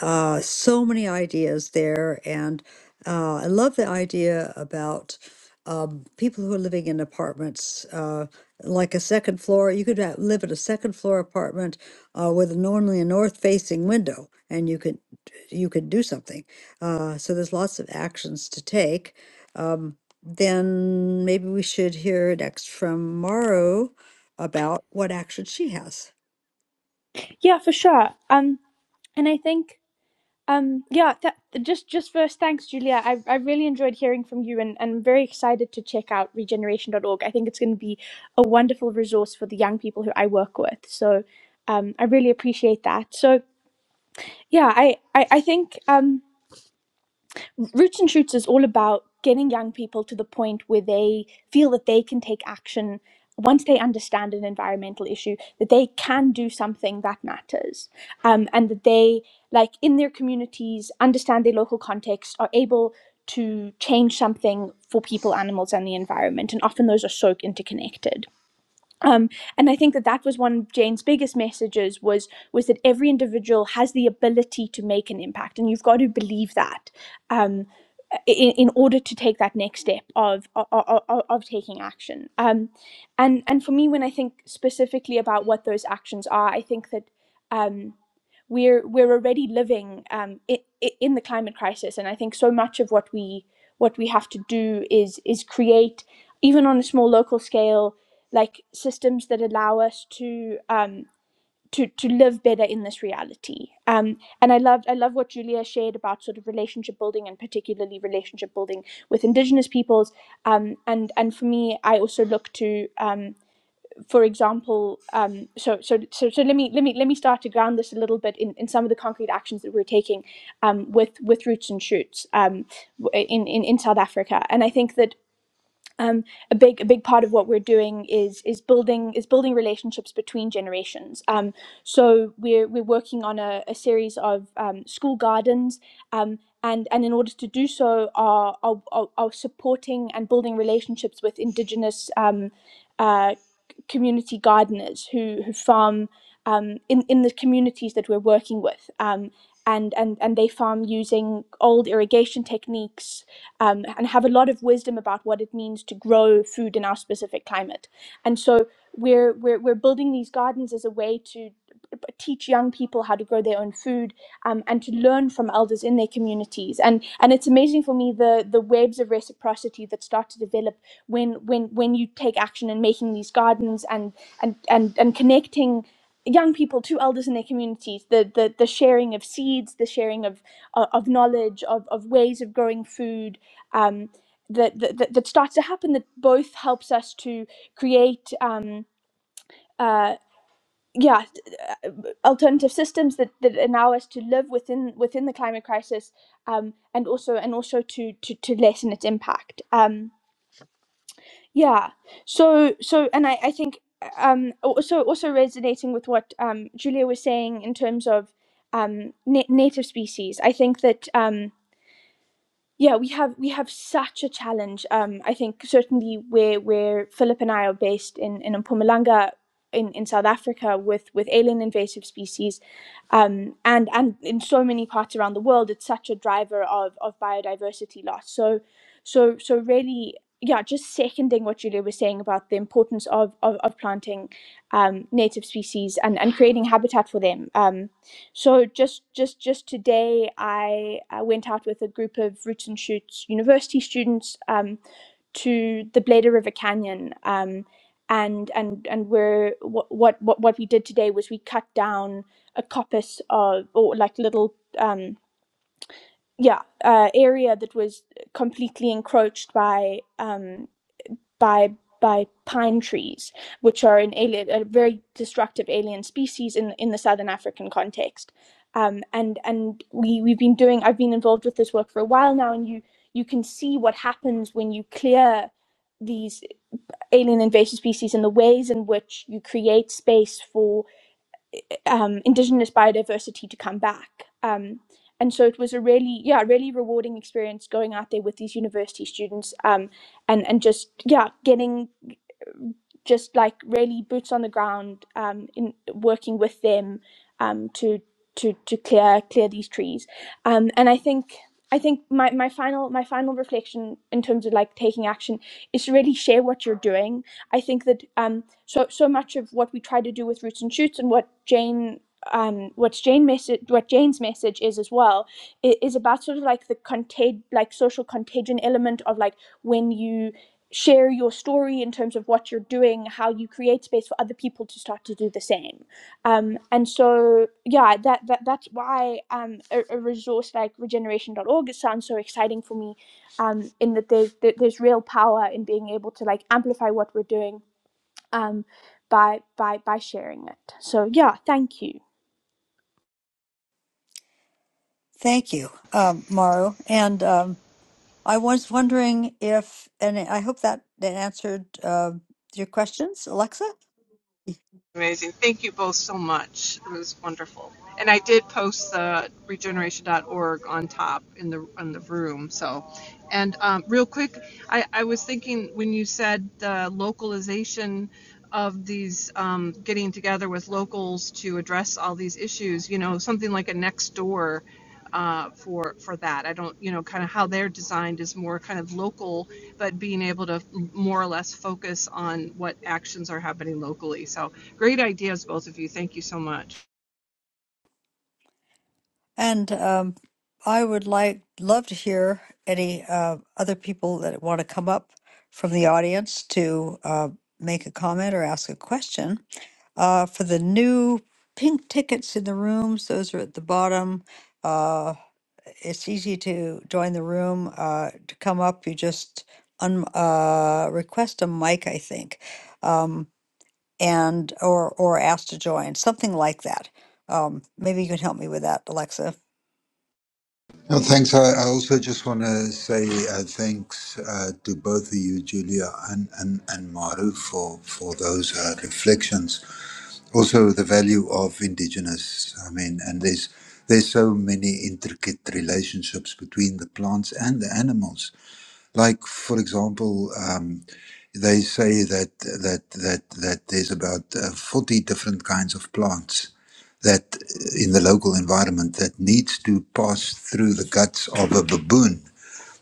uh, so many ideas there. And uh, I love the idea about um, people who are living in apartments, uh, like a second floor. You could ha- live in a second floor apartment uh, with normally a north facing window, and you could you could do something. Uh, so there's lots of actions to take. Um, then maybe we should hear next from Maru about what action she has.
Yeah, for sure. Um, and I think um, yeah. That, just just first, thanks, Julia. I I really enjoyed hearing from you, and and I'm very excited to check out regeneration.org. I think it's going to be a wonderful resource for the young people who I work with. So. Um, I really appreciate that. So, Yeah, I, I, I think um, Roots and Shoots is all about getting young people to the point where they feel that they can take action once they understand an environmental issue, that they can do something that matters. Um, and that they, like in their communities, understand their local context, are able to change something for people, animals, and the environment. And often those are so interconnected and i think that that was one of jane's biggest messages was was that every individual has the ability to make an impact and you've got to believe that Um, in, in order to take that next step of of, of, of taking action um, and and for me when i think specifically about what those actions are i think that um, we're we're already living um, i in the climate crisis and i think so much of what we what we have to do is is create even on a small local scale like systems that allow us to um, to to live better in this reality. Um, and I loved I love what Julia shared about sort of relationship building and particularly relationship building with Indigenous peoples. Um, and and for me, I also look to, um, for example, um, so, so so so let me let me let me start to ground this a little bit in, in some of the concrete actions that we're taking um, with with roots and shoots um, in, in in South Africa. And I think that um, a big a big part of what we're doing is is building is building relationships between generations. Um, so we're we're working on a, a series of um, school gardens, um, and and in order to do so, are are, are are supporting and building relationships with indigenous. Um, uh, community gardeners who, who farm um, in, in the communities that we're working with. Um, and, and, and they farm using old irrigation techniques um, and have a lot of wisdom about what it means to grow food in our specific climate. And so we're, we're, we're building these gardens as a way to teach young people how to grow their own food um, and to learn from elders in their communities and and it's amazing for me the the webs of reciprocity that start to develop when when when you take action in making these gardens and and and, and connecting young people to elders in their communities the, the the sharing of seeds the sharing of of of knowledge of, of ways of growing food um, that, that that starts to happen that both helps us to create um, Uh, yeah uh, alternative systems that, that allow us to live within within the climate crisis um, and also and also to, to to lessen its impact um, yeah so so and I, I think um, also also resonating with what um, Julia was saying in terms of um, na- native species I think that um, yeah we have we have such a challenge um i think certainly where where philip and i are based in in Mpumalanga in, in South Africa with with alien invasive species um and and in so many parts around the world it's such a driver of of biodiversity loss so so so really yeah just seconding what Julia was saying about the importance of of, of planting um native species and and creating habitat for them um so just just just today, I, I went out with a group of Roots and Shoots university students um, to the Bladder River Canyon, um, and and and we're what what what what we did today was we cut down a coppice of or like little um, yeah uh, area that was completely encroached by. Um, by by pine trees, which are an alien, a very destructive alien species in in the southern African context. Um, and and we we've been doing. I've been involved with this work for a while now, and you you can see what happens when you clear these alien invasive species and the ways in which you create space for um, indigenous biodiversity to come back. Um, and so it was a really, yeah, really rewarding experience going out there with these university students um, and and just yeah, getting just like really boots on the ground um, in working with them um, to to to clear clear these trees um, and I think I think my, my final my final reflection in terms of like taking action is to really share what you're doing I think that um, so so much of what we try to do with roots and shoots and what Jane um, what's Jane message what Jane's message is as well i- is about sort of like the contag like social contagion element of like when you share your story in terms of what you're doing, how you create space for other people to start to do the same. Um, and so, yeah, that, that that's why um, a, a resource like regeneration dot regeneration.org sounds so exciting for me, um, in that there's, there- there's real power in being able to like amplify what we're doing um, by, by, by sharing it. So, yeah, thank you.
Thank you, um, Maru, and. Um, I was wondering if, and I hope that that answered uh, your questions, Alexa.
Amazing. Thank you both so much. It was wonderful. And I did post the regeneration.org on top in the on the room. So, and um, real quick, I, I was thinking when you said the localization of these um, getting together with locals to address all these issues, you know, something like a next door uh, for for that. I don't, you know, kind of how they're designed is more kind of local, but being able to more or less focus on what actions are happening locally. So Great ideas, both of you. Thank you so much.
And um, I would like love to hear any uh, other people that want to come up from the audience to uh, make a comment or ask a question. Uh, for the new pink tickets in the rooms, those are at the bottom. Uh, it's easy to join the room. Uh, to come up, you just un- uh, request a mic, I think, um, and or or ask to join, something like that. Um, maybe you can help me with that, Alexa.
No, thanks. I, I also just want to say uh, thanks uh, to both of you, Julia and, and, and Maru, for, for those uh, reflections. also the value of indigenous i mean and there's there's so many intricate relationships between the plants and the animals like for example um, they say that that that that there's about uh, 40 different kinds of plants that uh, in the local environment that needs to pass through the guts of a baboon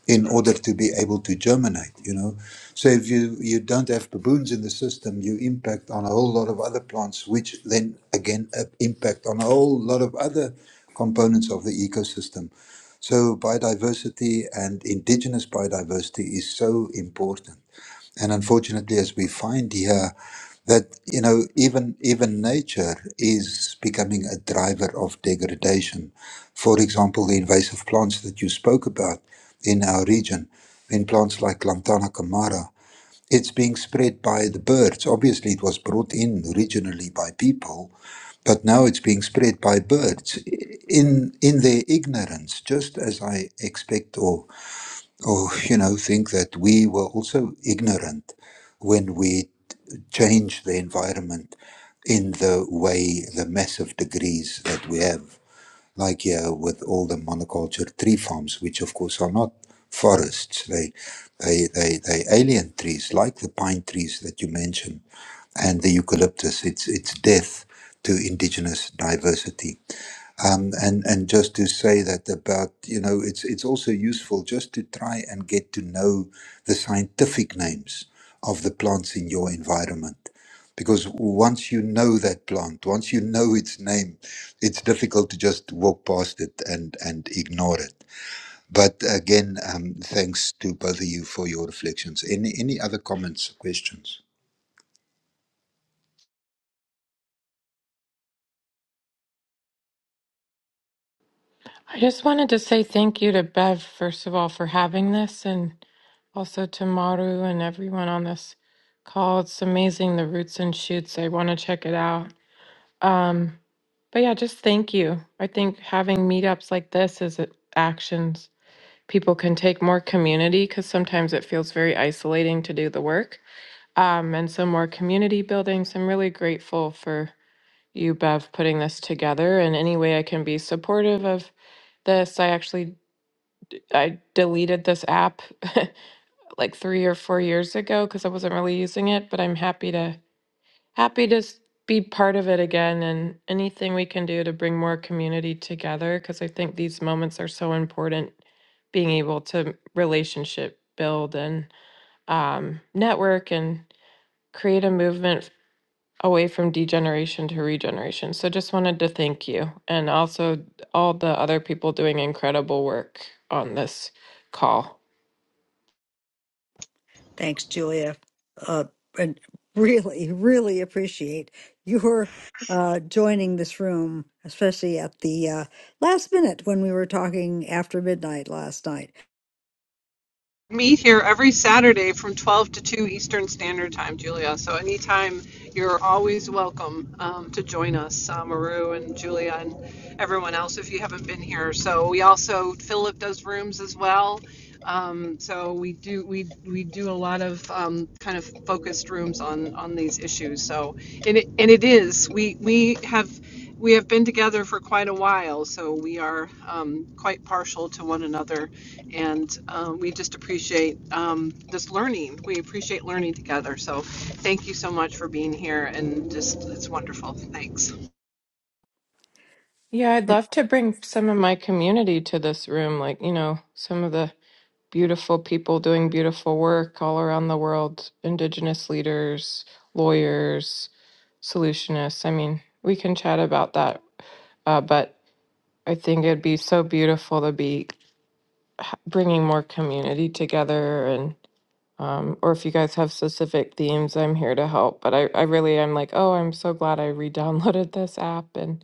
in order to be able to germinate you know so if you you don't have baboons in the system you impact on a whole lot of other plants which then again uh, impact on a whole lot of other components of the ecosystem so biodiversity and indigenous biodiversity is so important and unfortunately as we find here that you know even even nature is becoming a driver of degradation for example the invasive plants that you spoke about in our region in plants like lantana camara it's being spread by the birds obviously it was brought in originally by people but now it's being spread by birds i- in in their ignorance just as i expect or or you know think that we were also ignorant when we change the environment in the way the massive degrees that we have, like here with all the monoculture tree farms, which of course are not forests. They they they they alien trees like the pine trees that you mentioned and the eucalyptus. It's it's death to indigenous diversity um, and and just to say that about you know it's it's also useful just to try and get to know the scientific names of the plants in your environment because once you know that plant once you know its name it's difficult to just walk past it and and ignore it but again um, thanks to both of you for your reflections any any other comments questions
I just wanted to say thank you to Bev, first of all, for having this, and also to Maru and everyone on this call. It's amazing the roots and shoots. I want to check it out. Um, but yeah, just thank you. I think having meetups like this is a- actions. people can take more community because sometimes it feels very isolating to do the work. Um, and some more community building. So I'm really grateful for you, Bev, putting this together. And any way I can be supportive of this, I actually I deleted this app (laughs) like three or four years ago because I wasn't really using it, but I'm happy to Happy to s- be part of it again and anything we can do to bring more community together because I think these moments are so important being able to relationship build and um, network and create a movement away from degeneration to regeneration. So just wanted to thank you and also all the other people doing incredible work on this call.
Thanks, Julia. Uh, and (laughs) really, really appreciate your uh, joining this room, especially at the uh, last minute when we were talking after midnight last night.
meet here every Saturday from 12 to 2 Eastern Standard Time, Julia. So anytime you're always welcome um, to join us, uh, Maru and Julia and everyone else if you haven't been here. So we also Philip does rooms as well. Um, so we do we we do a lot of um, kind of focused rooms on on these issues. So and it and it is we we have we have been together for quite a while, so we are um, quite partial to one another and um, we just appreciate um, this learning. We appreciate learning together. So thank you so much for being here, and just it's wonderful. Thanks.
Yeah, I'd love to bring some of my community to this room, like, you know, some of the beautiful people doing beautiful work all around the world indigenous leaders lawyers solutionists i mean we can chat about that uh, but i think it'd be so beautiful to be bringing more community together and um, or if you guys have specific themes i'm here to help but i, I really am like oh i'm so glad i re-downloaded this app and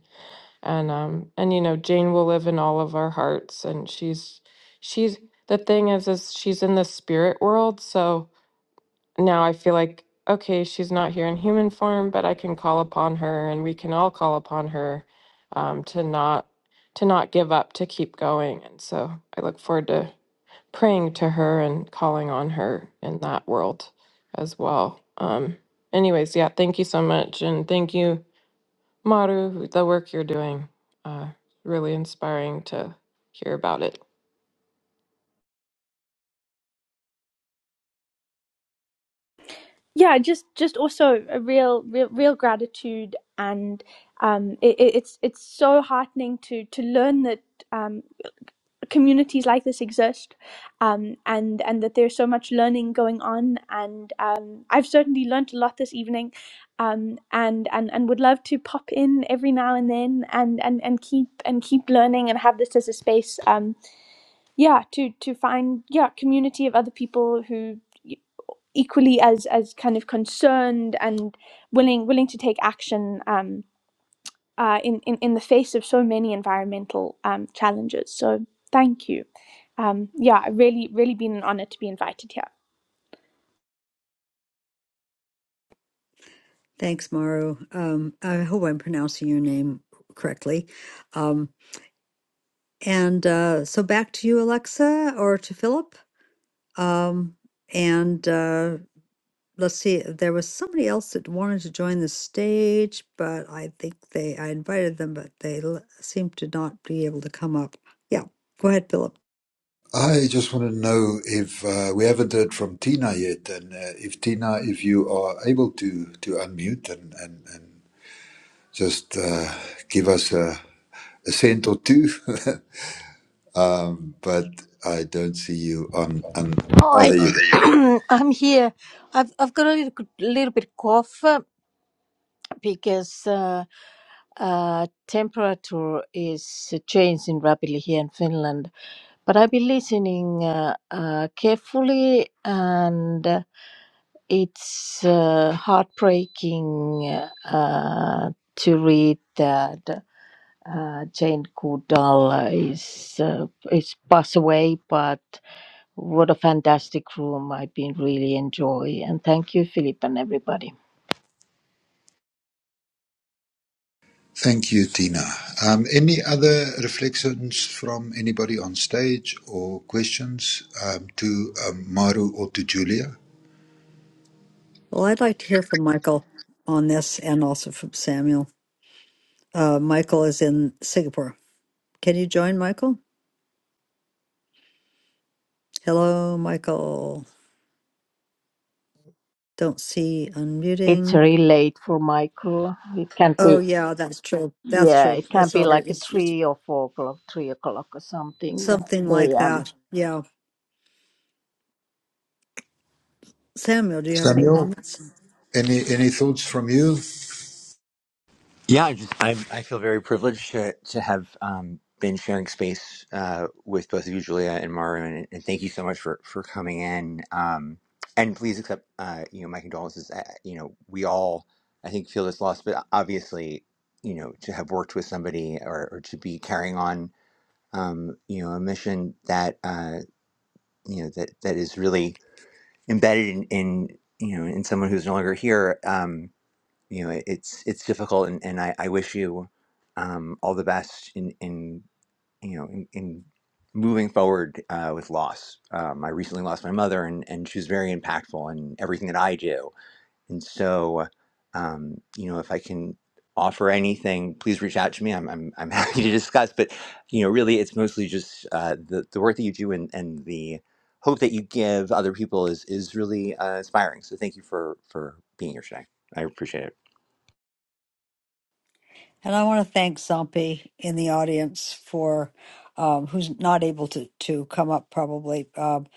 and um and you know Jane will live in all of our hearts and she's she's the thing is is she's in the spirit world so now I feel like okay she's not here in human form but I can call upon her and we can all call upon her um to not to not give up to keep going and so I look forward to praying to her and calling on her in that world as well um anyways yeah thank you so much and thank you Maru, the work you're doing, uh, really inspiring to hear about it.
Yeah, just just also a real, real, real gratitude, and um, it, it's it's so heartening to to learn that um. communities like this exist um, and and that there's so much learning going on and um, I've certainly learnt a lot this evening um, and, and and would love to pop in every now and then and, and, and keep and keep learning and have this as a space um, yeah to to find yeah community of other people who e-, equally as as kind of concerned and willing willing to take action um, uh, in, in, in the face of so many environmental um, challenges. So thank you. Um, yeah, really, really been an honor to be invited here.
Thanks, Maru. Um, I hope I'm pronouncing your name correctly. Um, and uh, so back to you, Alexa, or to Philip. Um, and uh, let's see, there was somebody else that wanted to join the stage, but I think they, I invited them, but they l- seemed to not be able to come up. Yeah, go ahead, Philip.
I just want to know if uh, we haven't heard from Tina yet, and uh, if Tina, if you are able to to unmute and and, and just uh, give us a, a cent or two, (laughs) um, but I don't see you on. on oh,
Hi,
there
(clears throat) Oh,
you go.
there you (clears throat) go. I'm here. I've I've got a little, little bit cough uh, because uh, uh, temperature is changed in rapidly here in Finland. But I've been listening uh, uh, carefully, and uh, it's uh, heartbreaking uh, to read that uh, Jane Goodall is uh, is passed away, but. What a fantastic room. I've been really enjoy and thank you, Philip and everybody.
Thank you, Tina. Um, any other reflections from anybody on stage or questions um, to um, Maru or to Julia?
Well, I'd like to hear from Michael on this and also from Samuel. Uh, Michael is in Singapore. Can you join, Michael? Hello, Michael. Don't see
It's
unmuting.
really late for Michael. It can
Oh,
be
yeah, that's true. That's
yeah,
true.
it can
It's
be like
already,
a
it's, it's
three or four o'clock, three o'clock or something
something like
AM.
that. Yeah. Samuel, do you have any
Samuel,
comments?
any any thoughts from you?
Yeah, I just I'm, I feel very privileged to to have um, been sharing space uh, with both of you, Julia and Maru, and, and thank you so much for for coming in. Um, and please accept, uh, you know, my condolences. I, I- you know, we all I think feel this loss, but obviously, you know, to have worked with somebody or, or to be carrying on, um, you know, a mission that uh, you know that that is really embedded in, in you know in someone who's no longer here. Um, you know, it- it's it's difficult, and, and I, I wish you um, all the best in in you know in, in moving forward uh, with loss. Um, I recently lost my mother, and and she was very impactful in everything that I do. And so, um, you know, if I can offer anything, please reach out to me. I'm I'm, I'm (laughs) happy to discuss. But you know, really, it's mostly just uh, the the work that you do and and the hope that you give other people is is really uh, inspiring. So thank you for for being here today. I appreciate it.
And I want to thank Zompy in the audience for um, who's not able to to come up probably. Um,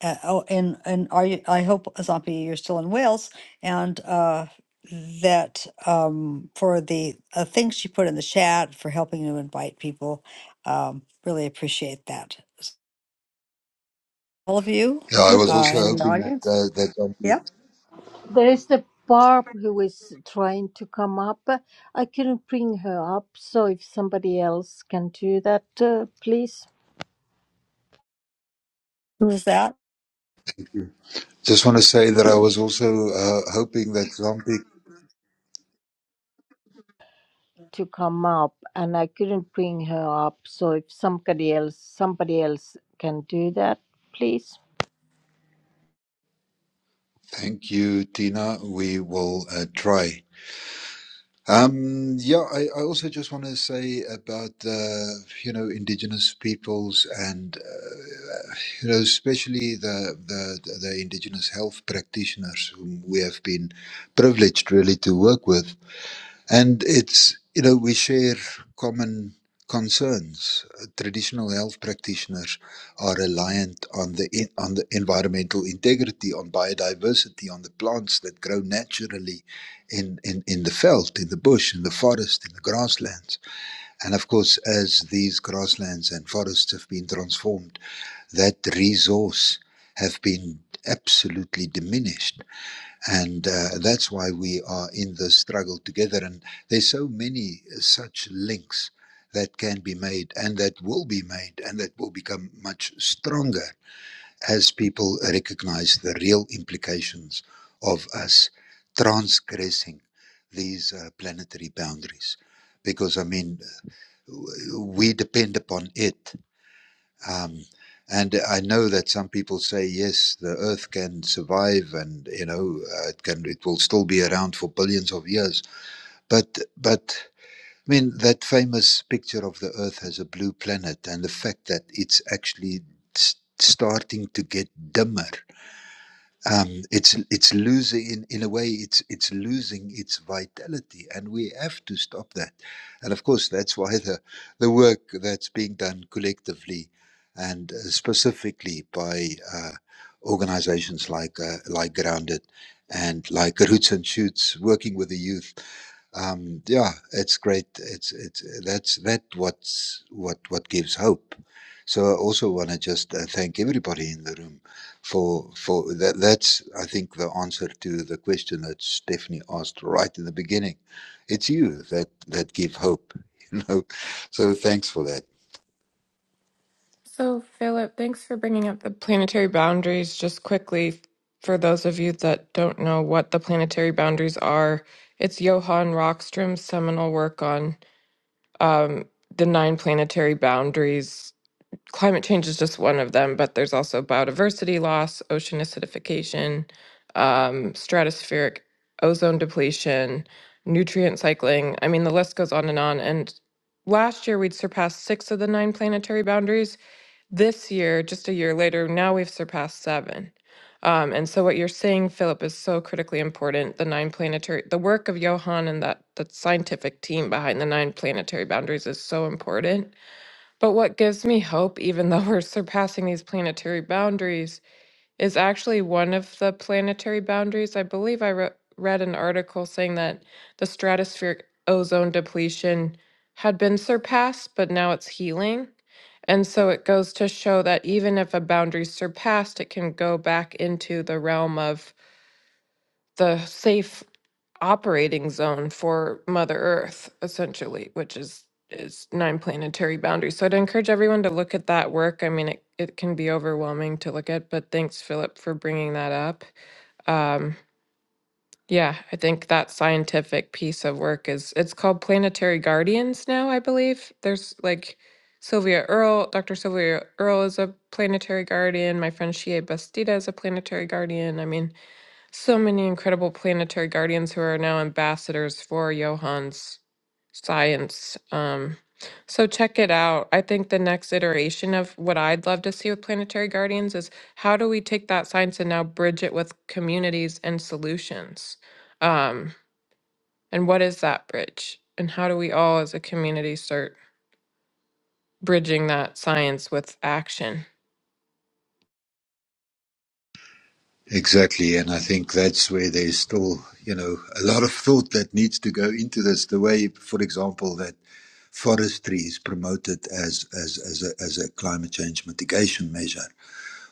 uh, oh, and and are you? I hope Zompy, you're still in Wales, and uh, that um, for the uh, things she put in the chat for helping to invite people. Um, really appreciate that. S- All of you
Yeah, I was
uh,
also
in the
hoping that
audience.
uh, that Zombie.
Yeah,
There is the Barb who is trying to come up. I couldn't bring her up, so if somebody else can do that, uh, please
who is that?
Just want to say that I was also uh, hoping that Zombie.
to come up and I couldn't bring her up so if somebody else somebody else can do that please
Thank you, Tina. We will uh, try. Um, yeah, I, I also just want to say about uh, you know indigenous peoples and uh, you know especially the, the the indigenous health practitioners whom we have been privileged really to work with And it's, you know, we share common concerns. Uh, Traditional health practitioners are reliant on the en- on the environmental integrity, on biodiversity, on the plants that grow naturally in, in, in the veld, in the bush, in the forest, in the grasslands. And of course, as these grasslands and forests have been transformed, that resource have been absolutely diminished and uh, that's why we are in the struggle together and there's so many uh, such links that can be made and that will be made and that will become much stronger as people recognize the real implications of us transgressing these uh, planetary boundaries because i mean we depend upon it um, and I know that some people say yes, the Earth can survive, and you know uh, it can, it will still be around for billions of years. But but I mean that famous picture of the Earth as a blue planet, and the fact that it's actually s- starting to get dimmer um, it's it's losing in, in a way it's it's losing its vitality and we have to stop that and of course that's why the the work that's being done collectively and uh, specifically by uh, organizations like uh, like grounded and like roots and shoots working with the youth um, yeah, it's great. It's it's that's that what's what what gives hope. So I also want to just uh, thank everybody in the room for for that. That's I think the answer to the question that Stephanie asked right in the beginning. It's you that that give hope, (laughs) you know. So thanks for that.
So, Philip, thanks for bringing up the planetary boundaries. Just quickly, for those of you that don't know what the planetary boundaries are, it's Johann Rockström's seminal work on um, the nine planetary boundaries climate change is just one of them, but there's also biodiversity loss, ocean acidification, um, stratospheric ozone depletion, nutrient cycling. I mean, the list goes on and on. And last year, we'd surpassed six of the nine planetary boundaries. This year, just a year later, now we've surpassed seven. Um, and so, what you're saying, Philip, is so critically important. The nine planetary, the work of Johan and that that scientific team behind the nine planetary boundaries is so important but what gives me hope, even though (laughs) we're surpassing these planetary boundaries, is actually one of the planetary boundaries. I believe I re- read an article saying that the stratospheric ozone depletion had been surpassed, but now it's healing. And so it goes to show that even if a boundary's surpassed, it can go back into the realm of the safe operating zone for Mother Earth, essentially, which is is nine planetary boundaries. So I'd encourage everyone to look at that work. I mean, it, it can be overwhelming to look at, but thanks, Philip, for bringing that up. Um, yeah, I think that scientific piece of work is it's called Planetary Guardians now, I believe. There's like Sylvia Earle, Dr. Sylvia Earle is a planetary guardian. My friend Shea Bastida is a planetary guardian. I mean, so many incredible planetary guardians who are now ambassadors for Johann's science. Um, so check it out. I think the next iteration of what I'd love to see with planetary guardians is how do we take that science and now bridge it with communities and solutions? Um, and what is that bridge? And how do we all as a community start bridging that science with action?
Exactly, and I think that's where there's still, you know, a lot of thought that needs to go into this. The way, for example, that Forestry is promoted as, as, as, a, as a climate change mitigation measure.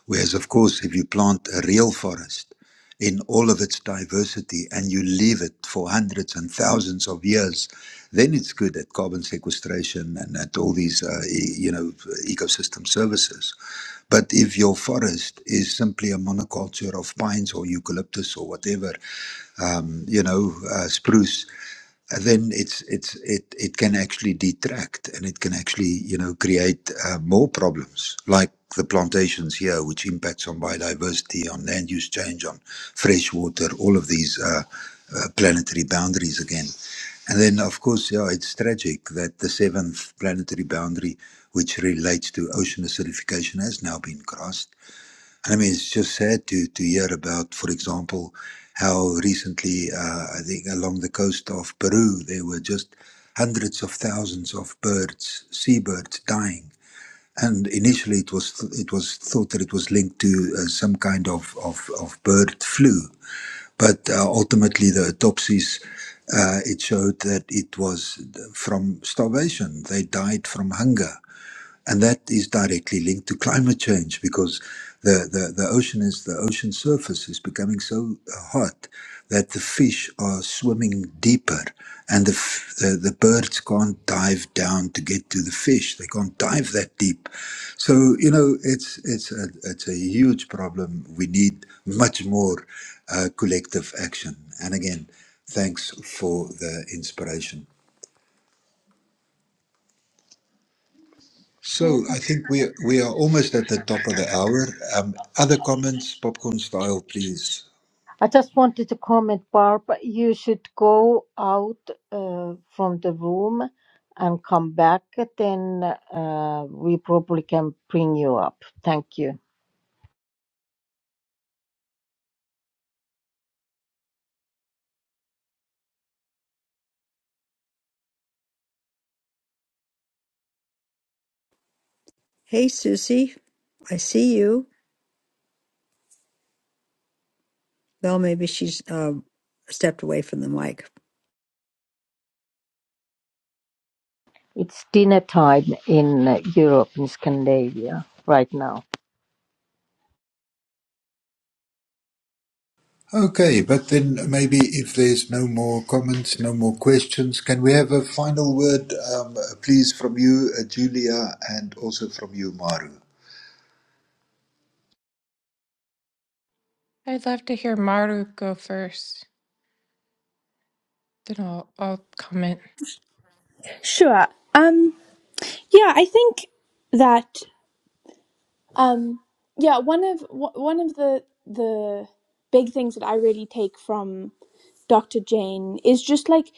Whereas, of course, if you plant a real forest in all of its diversity and you leave it for hundreds and thousands of years, then it's good at carbon sequestration and at all these, uh, e- you know, ecosystem services. But if your forest is simply a monoculture of pines or eucalyptus or whatever, um, you know, uh, spruce, then it's it's it it can actually detract and it can actually you know create uh, more problems like the plantations here which impacts on biodiversity on land use change on fresh water all of these uh, uh, planetary boundaries again and then of course yeah it's tragic that the seventh planetary boundary which relates to ocean acidification has now been crossed I mean, it's just sad to, to hear about, for example, how recently, uh, I think along the coast of Peru, there were just hundreds of thousands of birds, seabirds dying. And initially, it was it was thought that it was linked to uh, some kind of, of, of bird flu, but uh, ultimately the autopsies uh, it showed that it was from starvation. They died from hunger and that is directly linked to climate change because the, the, the ocean is the ocean surface is becoming so hot that the fish are swimming deeper and the, f- the the birds can't dive down to get to the fish they can't dive that deep so you know it's it's a, it's a huge problem we need much more uh, collective action and again thanks for the inspiration So I think we we are almost at the top of the hour. Um, other comments, popcorn style, please.
I just wanted to comment, Barb, you should go out uh, from the room and come back, then uh, we probably can bring you up. Thank you.
Hey, Susie, I see you. Well, maybe she's um, stepped away from the mic.
It's dinner time in uh, Europe, in Scandinavia, right now.
Okay, but then maybe if there's no more comments, no more questions, can we have a final word, um, please, from you, uh, Julia, and also from you, Maru?
I'd love to hear Maru go first. Then I'll I'll comment.
Sure. Um, yeah, I think that um, yeah one of one of the the big things that I really take from Dr. Jane is just like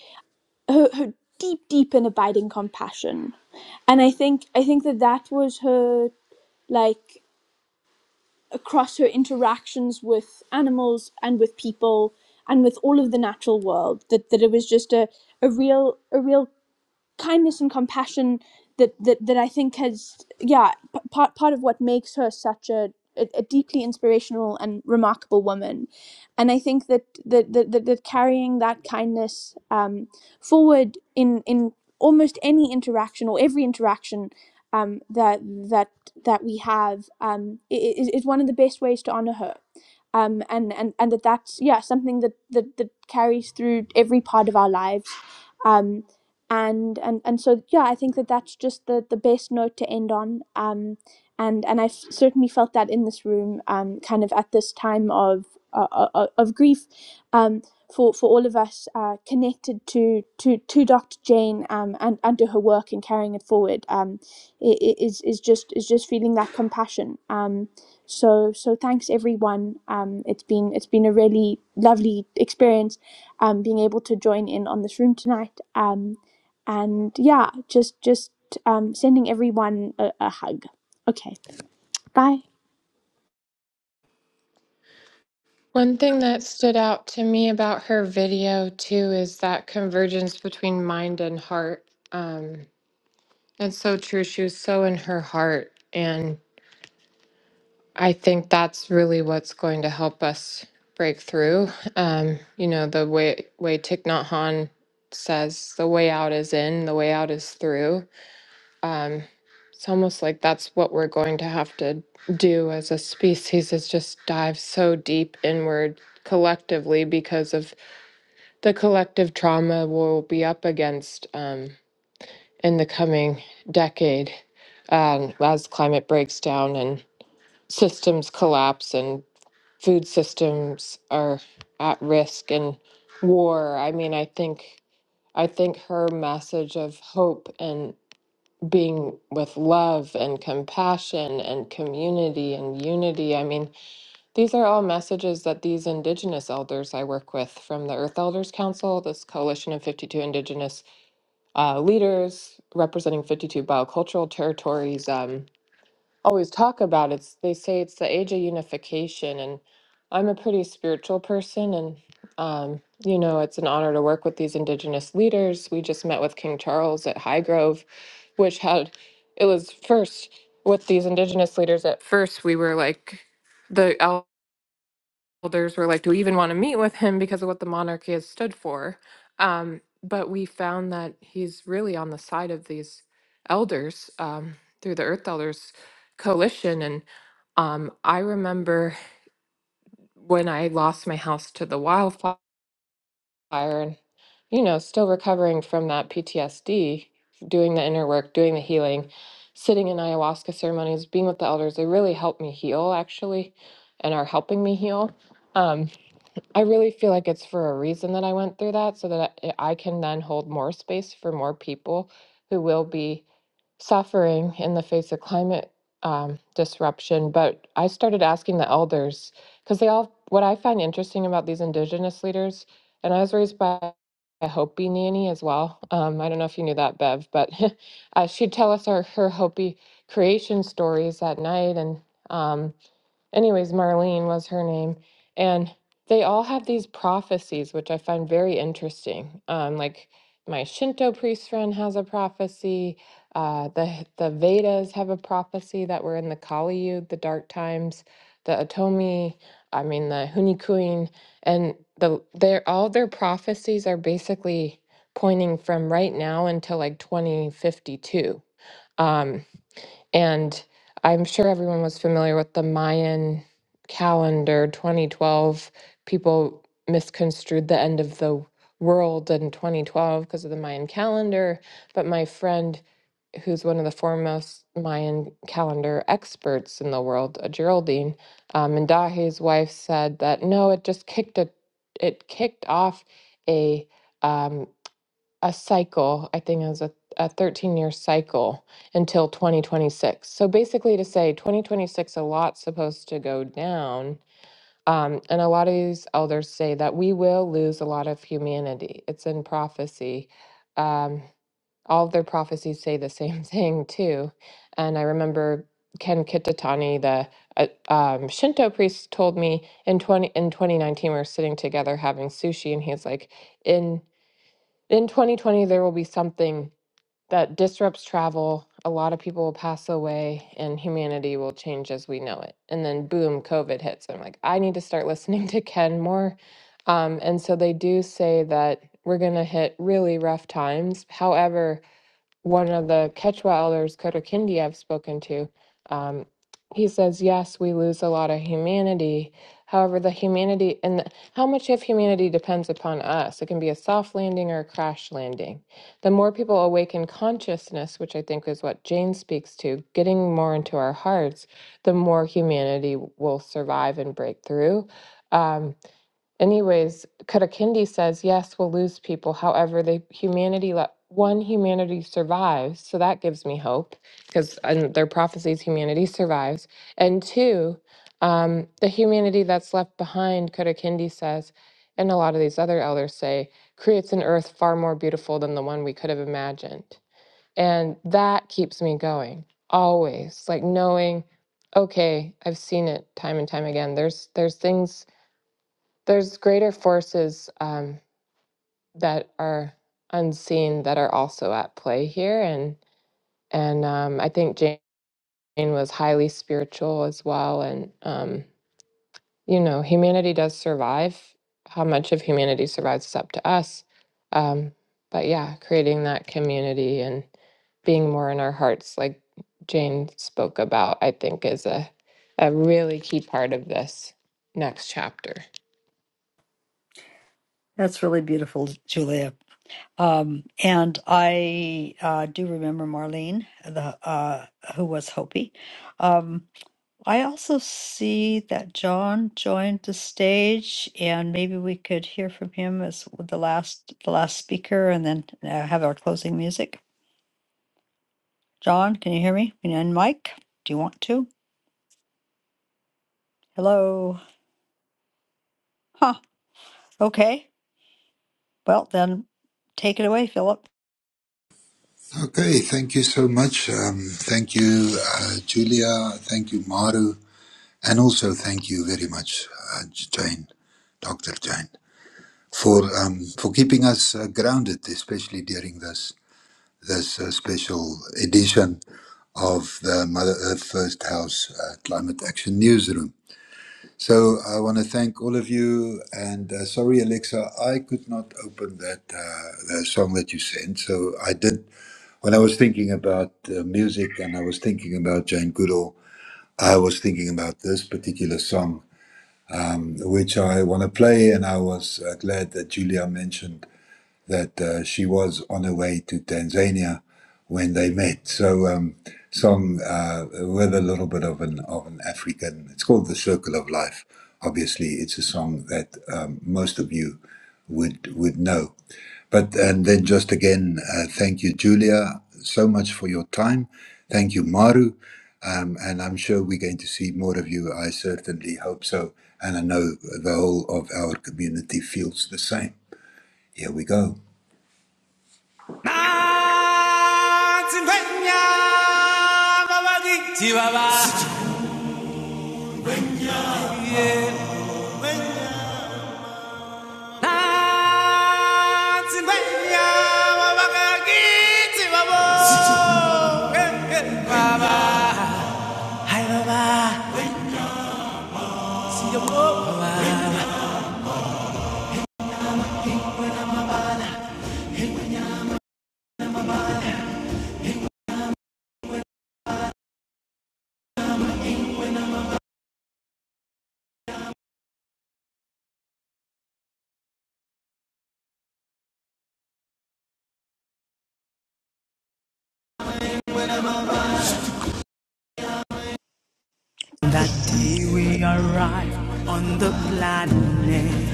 her, her deep, deep and abiding compassion, and I think I think that that was her like across her interactions with animals and with people and with all of the natural world that, that it was just a, a real a real kindness and compassion that that, that I think has yeah p- part part of what makes her such a a a deeply inspirational and remarkable woman, and I think that that that, that, that carrying that kindness um, forward in in almost any interaction or every interaction um, that that that we have um, i- i- is is one of the best ways to honor her, um, and and and that that's yeah something that that that carries through every part of our lives, Um, and and and so yeah i think that that's just the the best note to end on um and and i f- certainly felt that in this room um kind of at this time of uh, uh, uh, of, grief um for for all of us uh connected to to to dr jane um and and to her work and carrying it forward um is is just is just feeling that compassion um so so thanks everyone um it's been it's been a really lovely experience um being able to join in on this room tonight um and yeah just just um, sending everyone a, a hug okay bye
One thing that stood out to me about her video too is that convergence between mind and heart. Um, it's so true. She was so in her heart. And I think that's really what's going to help us break through. Um, you know, the way, way Thich Nhat Hanh says, the way out is in, the way out is through. Um, it's almost like that's what we're going to have to do as a species is just dive so deep inward collectively because of the collective trauma we'll be up against um, in the coming decade um, as climate breaks down and systems collapse and food systems are at risk and war. I mean, I think I think her message of hope and being with love and compassion and community and unity. I mean, these are all messages that these Indigenous elders I work with from the Earth Elders Council, this coalition of 52 Indigenous uh, leaders representing 52 biocultural territories, um, always talk about. It's they say it's the age of unification, and I'm a pretty spiritual person, and um, you know it's an honor to work with these Indigenous leaders. We just met with King Charles at Highgrove, which had it was first with these Indigenous leaders. At first, we were like the elders were like, do we even want to meet with him because of what the monarchy has stood for? Um, but we found that he's really on the side of these elders um, through the Earth Elders Coalition. And um, I remember when I lost my house to the wildfire and, you know, still recovering from that PTSD, doing the inner work, doing the healing, sitting in ayahuasca ceremonies, being with the elders, they really helped me heal actually and are helping me heal. Um, I really feel like it's for a reason that I went through that so that I I can then hold more space for more people who will be suffering in the face of climate um, disruption. But I started asking the elders because they all, what I find interesting about these indigenous leaders, and I was raised by a Hopi nanny as well. Um, I don't know if you knew that, Bev, but (laughs) uh, she'd tell us our, her Hopi creation stories at night. And um, anyways, Marlene was her name, and they all have these prophecies, which I find very interesting. Um, like my Shinto priest friend has a prophecy. Uh, the the Vedas have a prophecy that we're in the Kali Yuga, the dark times. The Atomi, I mean the Hunikuin, and the their all their prophecies are basically pointing from right now until like 2052. And I'm sure everyone was familiar with the Mayan calendar 2012. People misconstrued the end of the world in 2012 because of the Mayan calendar. But my friend, who's one of the foremost Mayan calendar experts in the world, uh, Geraldine um, Mindahi's wife, said that no, it just kicked a, it kicked off a um, a cycle, I think it was a, a 13 year cycle until 2026. So basically, to say 2026, a lot's supposed to go down. Um, and a lot of these elders say that we will lose a lot of humanity. It's in prophecy. Um, all of their prophecies say the same (laughs) thing, too. And I remember Ken Kitatani, the uh, um, Shinto priest, told me in 20, in 2019, we were sitting together having sushi, and he's like, in in 2020 there will be something that disrupts travel a lot of people will pass away and humanity will change as we know it and then boom covid hits i'm like i need to start (laughs) listening to ken more um, and so they do say that we're going to hit really rough times however one of the Quechua elders, Kotokindi, I've spoken to, um, he says, yes, we lose a lot of humanity. However, the humanity and the, how much of humanity depends upon us. It can be a soft landing or a crash landing. The more people awaken consciousness, which I think is what Jane speaks to, getting more into our hearts, the more humanity will survive and break through. Um, Anyways, Katakindi says, yes, we'll lose people. However, the humanity le- one humanity survives, so that gives me hope because in their prophecies, humanity survives. And two, um, the humanity that's left behind, Katakindi says, and a lot of these other elders say, creates an earth far more beautiful than the one we could have imagined. And that keeps me going always, like knowing, okay, I've seen it time and time again. There's there's things there's greater forces um, that are unseen that are also at play here and and um, i think jane was highly spiritual as well and um, you know humanity does survive how much of humanity survives is up to us um, but yeah creating that community and being more in our hearts like jane spoke about i think is a, a really key part of this next chapter
That's really beautiful, Julia. Um, and I uh, do remember Marlene, the uh, who was Hopi. Um, I also see that John joined the stage, and maybe we could hear from him as the last the last speaker, and then uh, have our closing music. John, can you hear me? Can you unmic? Do you want to? Hello. Huh. Okay. Well, then take it away, Philip.
Okay, thank you so much. Um, thank you, uh, Julia. Thank you, Maru, and also thank you very much, uh, Jane, Doctor Jane, for um, for keeping us uh, grounded, especially during this this uh, special edition of the Mother Earth First House uh, Climate Action Newsroom. So I want to thank all of you, and uh, sorry, Alexa, I could not open that uh, the song that you sent. So I did when I was thinking about uh, music, and I was thinking about Jane Goodall. I was thinking about this particular song, which I want to play, and I was uh, glad that Julia mentioned that uh, she was on her way to Tanzania when they met. So, um, song uh, with a little bit of an of an African. It's called "The Circle of Life." Obviously, it's a song that um, most of you would would know. But and then just again, uh, thank you, Julia, so much for your time. Thank you, Maru. Um, and I'm sure we're going to see more of you. I certainly hope so. And I know the whole of our community feels the same. Here we go.
Yeah. Eh, eh, That day we arrived on the planet.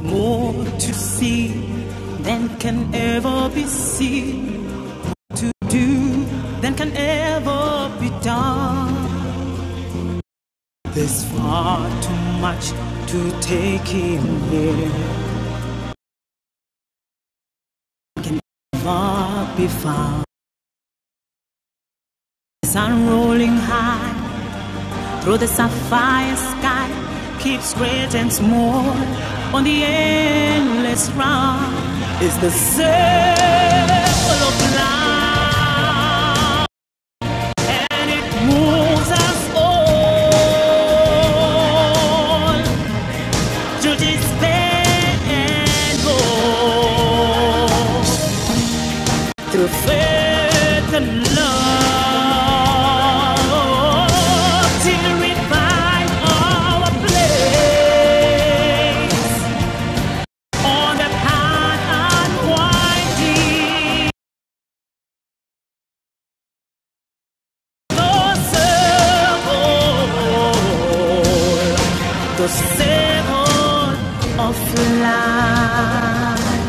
More to see than can ever be seen, to do than can ever be done. There's far too much to take in here, can never be found. The Sun rolling high through the sapphire sky keeps great and small on the endless round. Is the circle of life. and it moves us all to despair and hope through faith and love till we find our place on the path unwinding the circle. the sail on of life.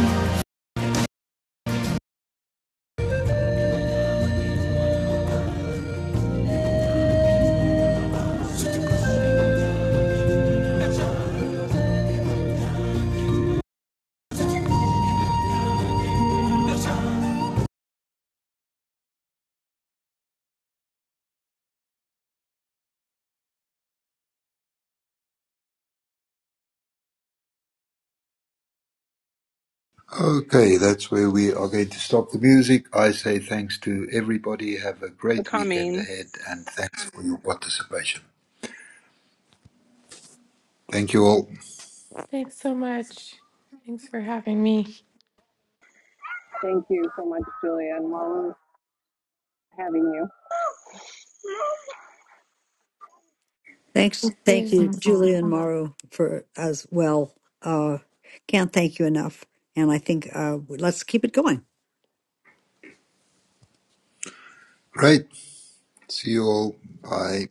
Okay, that's where we are going to stop the music. I say thanks to everybody. Have a great weekend ahead and thanks for your participation. Thank you all.
Thanks so much. Thanks for having me.
Thank you so much, Julia, and while we're having you.
Thanks.
Thank
Thank you, Julia and
you.
Mauro, for as well. Uh, can't thank you enough. And I think uh, let's keep it going.
Great. See you all. Bye.